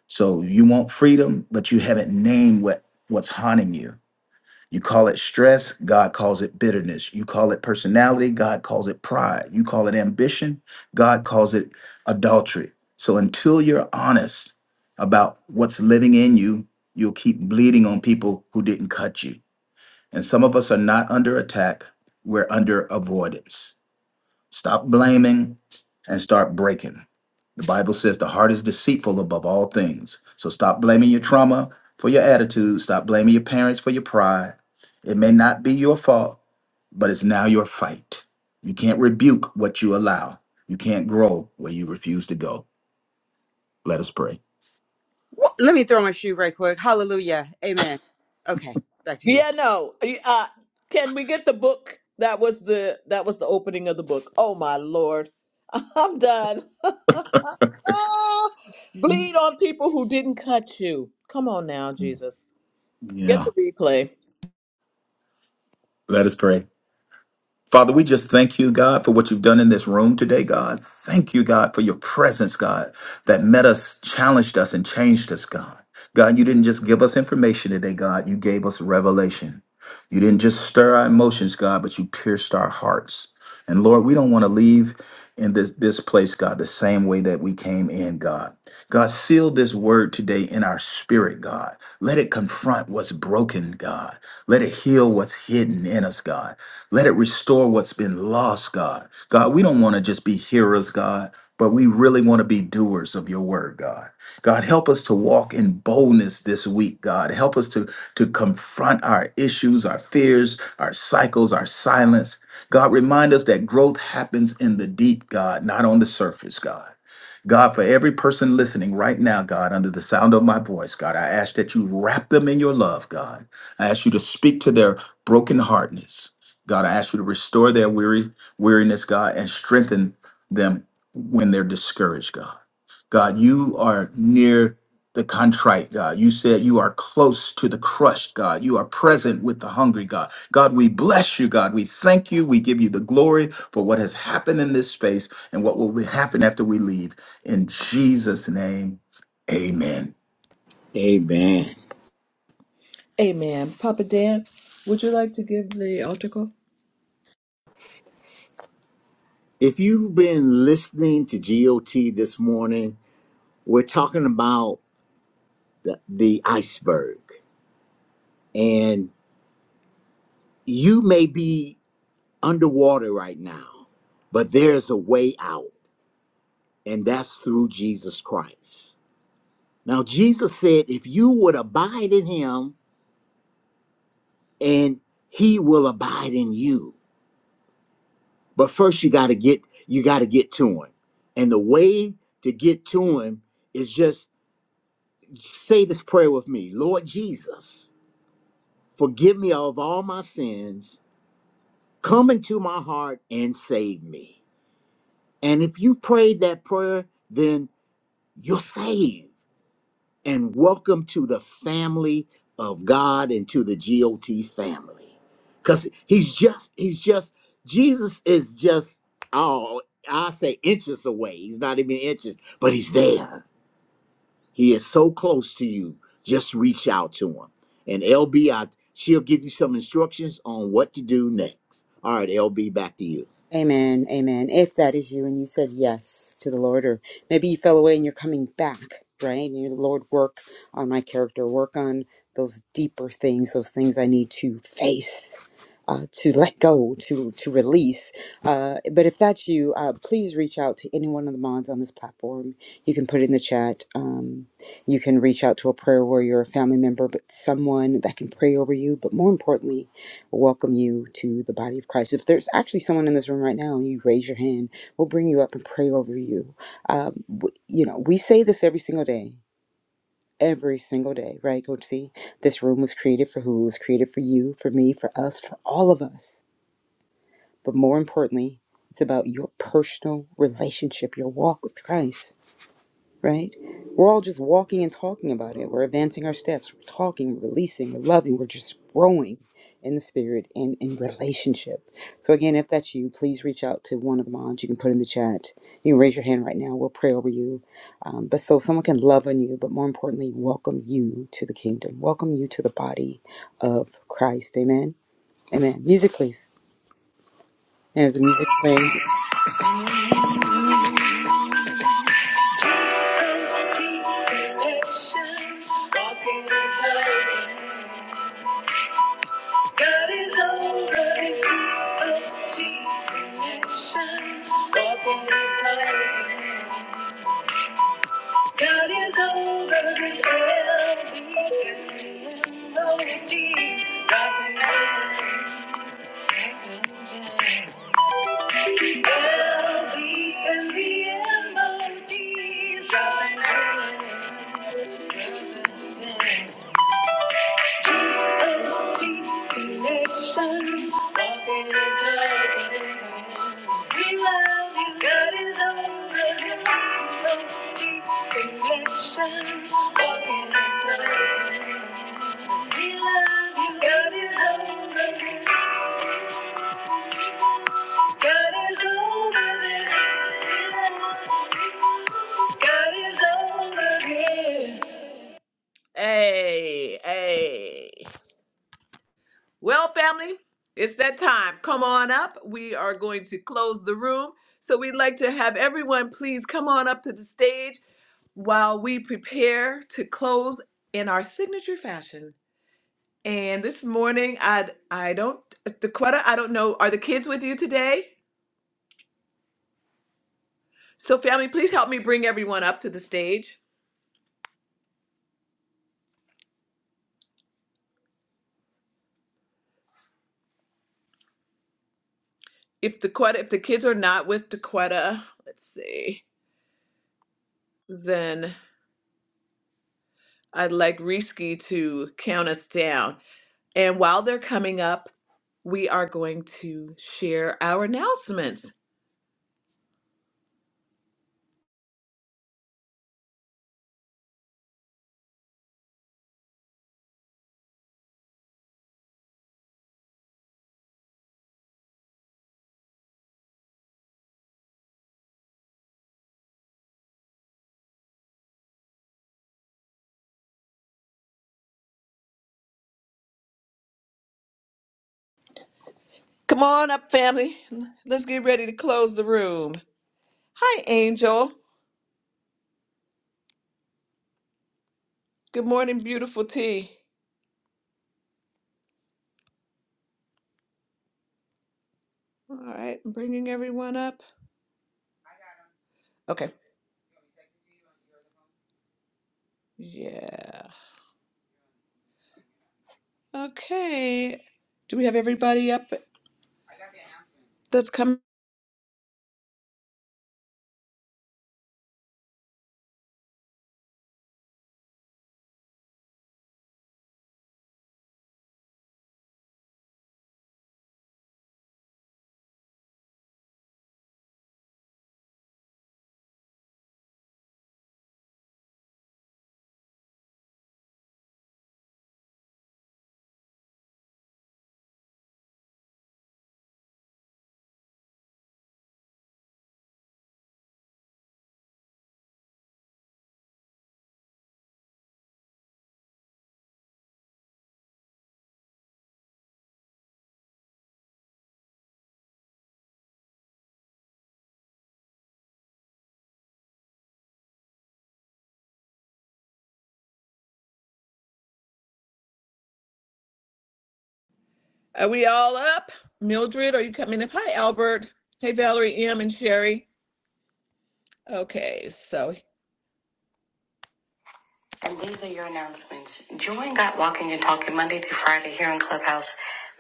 G: So you want freedom, but you haven't named what what's haunting you. You call it stress, God calls it bitterness. You call it personality, God calls it pride. You call it ambition, God calls it adultery. So until you're honest about what's living in you, you'll keep bleeding on people who didn't cut you. And some of us are not under attack, we're under avoidance. Stop blaming and start breaking. The Bible says the heart is deceitful above all things. So stop blaming your trauma for your attitude, stop blaming your parents for your pride. It may not be your fault, but it's now your fight. You can't rebuke what you allow. You can't grow where you refuse to go. Let us pray.
E: Wha- Let me throw my shoe right quick. Hallelujah. Amen. Okay, back to you.
A: Yeah, no. Uh, can we get the book? That was the that was the opening of the book. Oh my lord, I'm done. Bleed on people who didn't cut you. Come on now, Jesus. Get
G: Yeah,
A: the replay.
G: let us pray. Father, we just thank you, God, for what you've done in this room today, God. Thank you, God, for your presence, God, that met us, challenged us, and changed us, God. God, you didn't just give us information today, God. You gave us revelation. You didn't just stir our emotions, God, but you pierced our hearts. And Lord, we don't want to leave in this, this place, God, the same way that we came in, God. God, seal this word today in our spirit, God. Let it confront what's broken, God. Let it heal what's hidden in us, God. Let it restore what's been lost, God. God, we don't want to just be hearers, God, but we really want to be doers of your word, God. God, help us to walk in boldness this week, God. Help us to, to confront our issues, our fears, our cycles, our silence. God, remind us that growth happens in the deep, God, not on the surface, God. God, for every person listening right now, God, under the sound of my voice, God, I ask that you wrap them in your love, God. I ask you to speak to their brokenheartedness. God, I ask you to restore their weary weariness, God, and strengthen them when they're discouraged, God. God, you are near the contrite, God. You said you are close to the crushed, God. You are present with the hungry, God. God, we bless you, God. We thank you. We give you the glory for what has happened in this space and what will be happen after we leave. In Jesus' name, amen.
B: Amen.
A: Amen. Papa Dan, would you like to give the altar call?
B: If you've been listening to GOT this morning, we're talking about the, the iceberg. And you may be underwater right now, but there's a way out. and that's through Jesus Christ. Now, Jesus said, If you would abide in him, and he will abide in you. But first you gotta get you gotta get to him. And the way to get to him is just say this prayer with me. Lord Jesus, forgive me of all my sins. Come into my heart and save me. And if you prayed that prayer, then you're saved. and welcome to the family of God and to the GOT family. Cuz he's just he's just Jesus is just oh, I say inches away. He's not even inches, but he's there. He is so close to you. Just reach out to him. And LB, she'll give you some instructions on what to do next. All right, LB, back to you.
E: Amen. Amen. If that is you and you said yes to the Lord, or maybe you fell away and you're coming back, right? And your Lord, work on my character, work on those deeper things, those things I need to face. Uh, to let go, to to release. Uh, but if that's you, uh, please reach out to any one of the mods on this platform. You can put it in the chat. Um, you can reach out to a prayer warrior, a family member, but someone that can pray over you. But more importantly, welcome you to the body of Christ. If there's actually someone in this room right now and you raise your hand, we'll bring you up and pray over you. Um, w- you know, we say this every single day. Every single day, right, Coach C? This room was created for who? It was created for you, for me, for us, for all of us. But more importantly, it's about your personal relationship, your walk with Christ right? We're all just walking and talking about it. We're advancing our steps. We're talking, we're releasing, we're loving, we're just growing in the spirit and in relationship. So, again, if that's you, please reach out to one of the moms. You can put in the chat. You can raise your hand right now. We'll pray over you. Um, but so someone can love on you, but more importantly, welcome you to the kingdom, welcome you to the body of Christ. Amen. Amen. Music, please. And is the music playing?
A: Connections. Hey, hey. Well, family, it's that time. Come on up. We are going to close the room. So we'd like to have everyone please come on up to the stage while we prepare to close in our signature fashion. And this morning, I I don't Dequetta, I don't know. Are the kids with you today? So, family, please help me bring everyone up to the stage. If Dequetta, if the kids are not with Dequetta, let's see, then I'd like Risky to count us down. And while they're coming up, we are going to share our announcements. Come on up, family. Let's get ready to close the room. Hi, Angel. Good morning, beautiful tea. All right, I'm bringing everyone up. Okay. Yeah. Okay. Do we have everybody up that's coming? Are we all up? Mildred, are you coming up? Hi, Albert. Hey, Valerie, M, and Sherry. Okay, so. And these are your announcements. Join Got Walking and Talking Monday through Friday here on Clubhouse.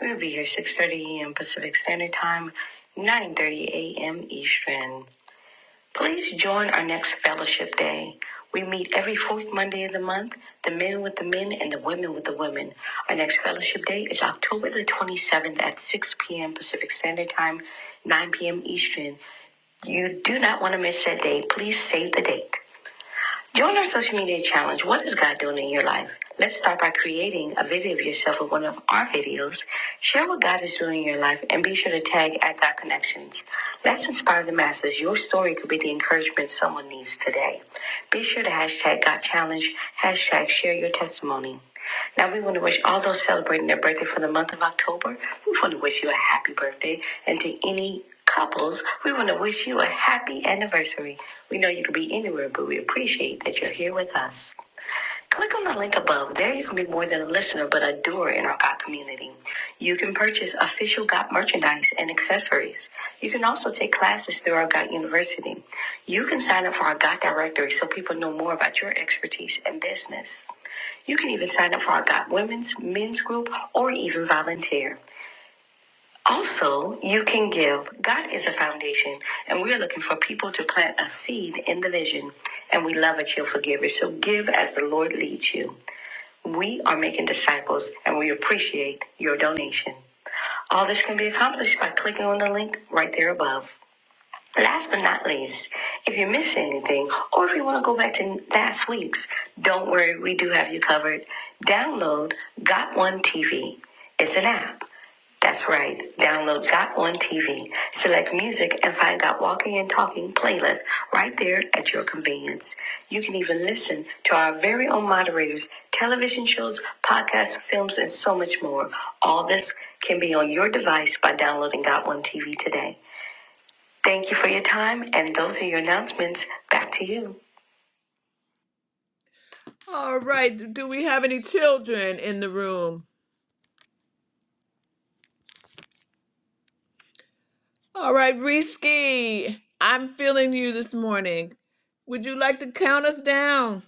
A: We'll be here 6.30 a.m. Pacific Standard Time, 9.30 a.m. Eastern. Please join our next fellowship day. We meet every fourth Monday of the month, the men with the men and the women with the women. Our next fellowship day is October the 27th at 6 p.m. Pacific Standard Time, 9 p.m. Eastern. You do not want to miss that day. Please save the date. Join our social media challenge. What is God doing in your life? Let's start by creating a video of yourself with one of our videos. Share what God is doing in your life and be sure to tag at God Connections. Let's inspire the masses. Your story could be the encouragement someone needs today. Be sure to hashtag God Challenge, hashtag share your testimony. Now we want to wish all those celebrating their birthday for the month of October. We want to wish you a happy birthday, and to any couples, we want to wish you a happy anniversary. We know you could be anywhere, but we appreciate that you're here with us. Click on the link above. There you can be more than a listener, but a doer in our GOT community. You can purchase official GOT merchandise and accessories. You can also take classes through our GOT University. You can sign up for our GOT directory so people know more about your expertise and business. You can even sign up for our God Women's Men's Group or even volunteer. Also, you can give. God is a foundation, and we're looking for people to plant a seed in the vision. And we love a cheerful giver, so give as the Lord leads you. We are making disciples, and we appreciate your donation. All this can be accomplished by clicking on the link right there above. Last but not least, if you miss anything or if you want to go back to last week's, don't worry, we do have you covered. Download Got One TV. It's an app. That's right. Download Got One TV. Select music and find Got Walking and Talking playlist right there at your convenience. You can even listen to our very own moderators, television shows, podcasts, films, and so much more. All this can be on your device by downloading Got One TV today. Thank you for your time, and those are your announcements. Back to you. All right. Do we have any children in the room? All right, Risky, I'm feeling you this morning. Would you like to count us down?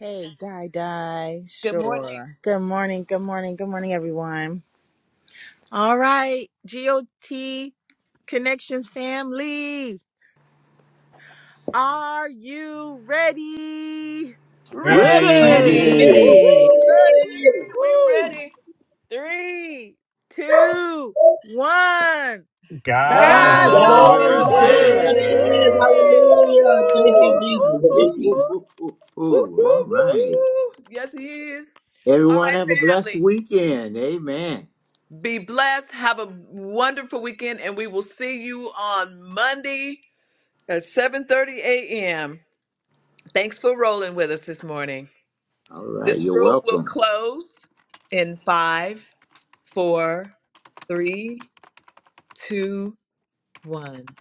I: Hey, Guy Die.
A: Good morning.
I: Sure. Good morning. Good morning. Good morning, everyone. All right, GOT Connections family. Are you ready?
A: Ready!
H: Ready,
B: Ready?
G: Amen.
F: Ready.
A: Woo-hoo,
J: Yay!
A: ready! We
B: Woo!
A: ready!
I: Three, two, one.
H: God's
I: God's
B: God's
F: God's
A: God's
J: God
I: over
H: over
B: over
J: is
F: over
A: over
J: over
B: this.
J: this.
I: this.
H: this.
A: this!
F: this.
J: Hallelujah. Thank
B: Woo!
A: Woo-hoo!
J: you,
B: Hoo,
J: Jesus.
B: hoo, hoo, hoo, hoo. All
A: Woo-hoo,
B: right.
A: woo-hoo! Yes, he is. All
B: Everyone
A: right,
B: have a blessed
A: family.
B: weekend. Amen.
A: Be blessed. Have a wonderful weekend, and we will see you on Monday at 7:30 a.m. Thanks for rolling with us this morning.
B: All right.
A: This
B: You're
A: room will
B: welcome.
A: close in five, four, three, two, one.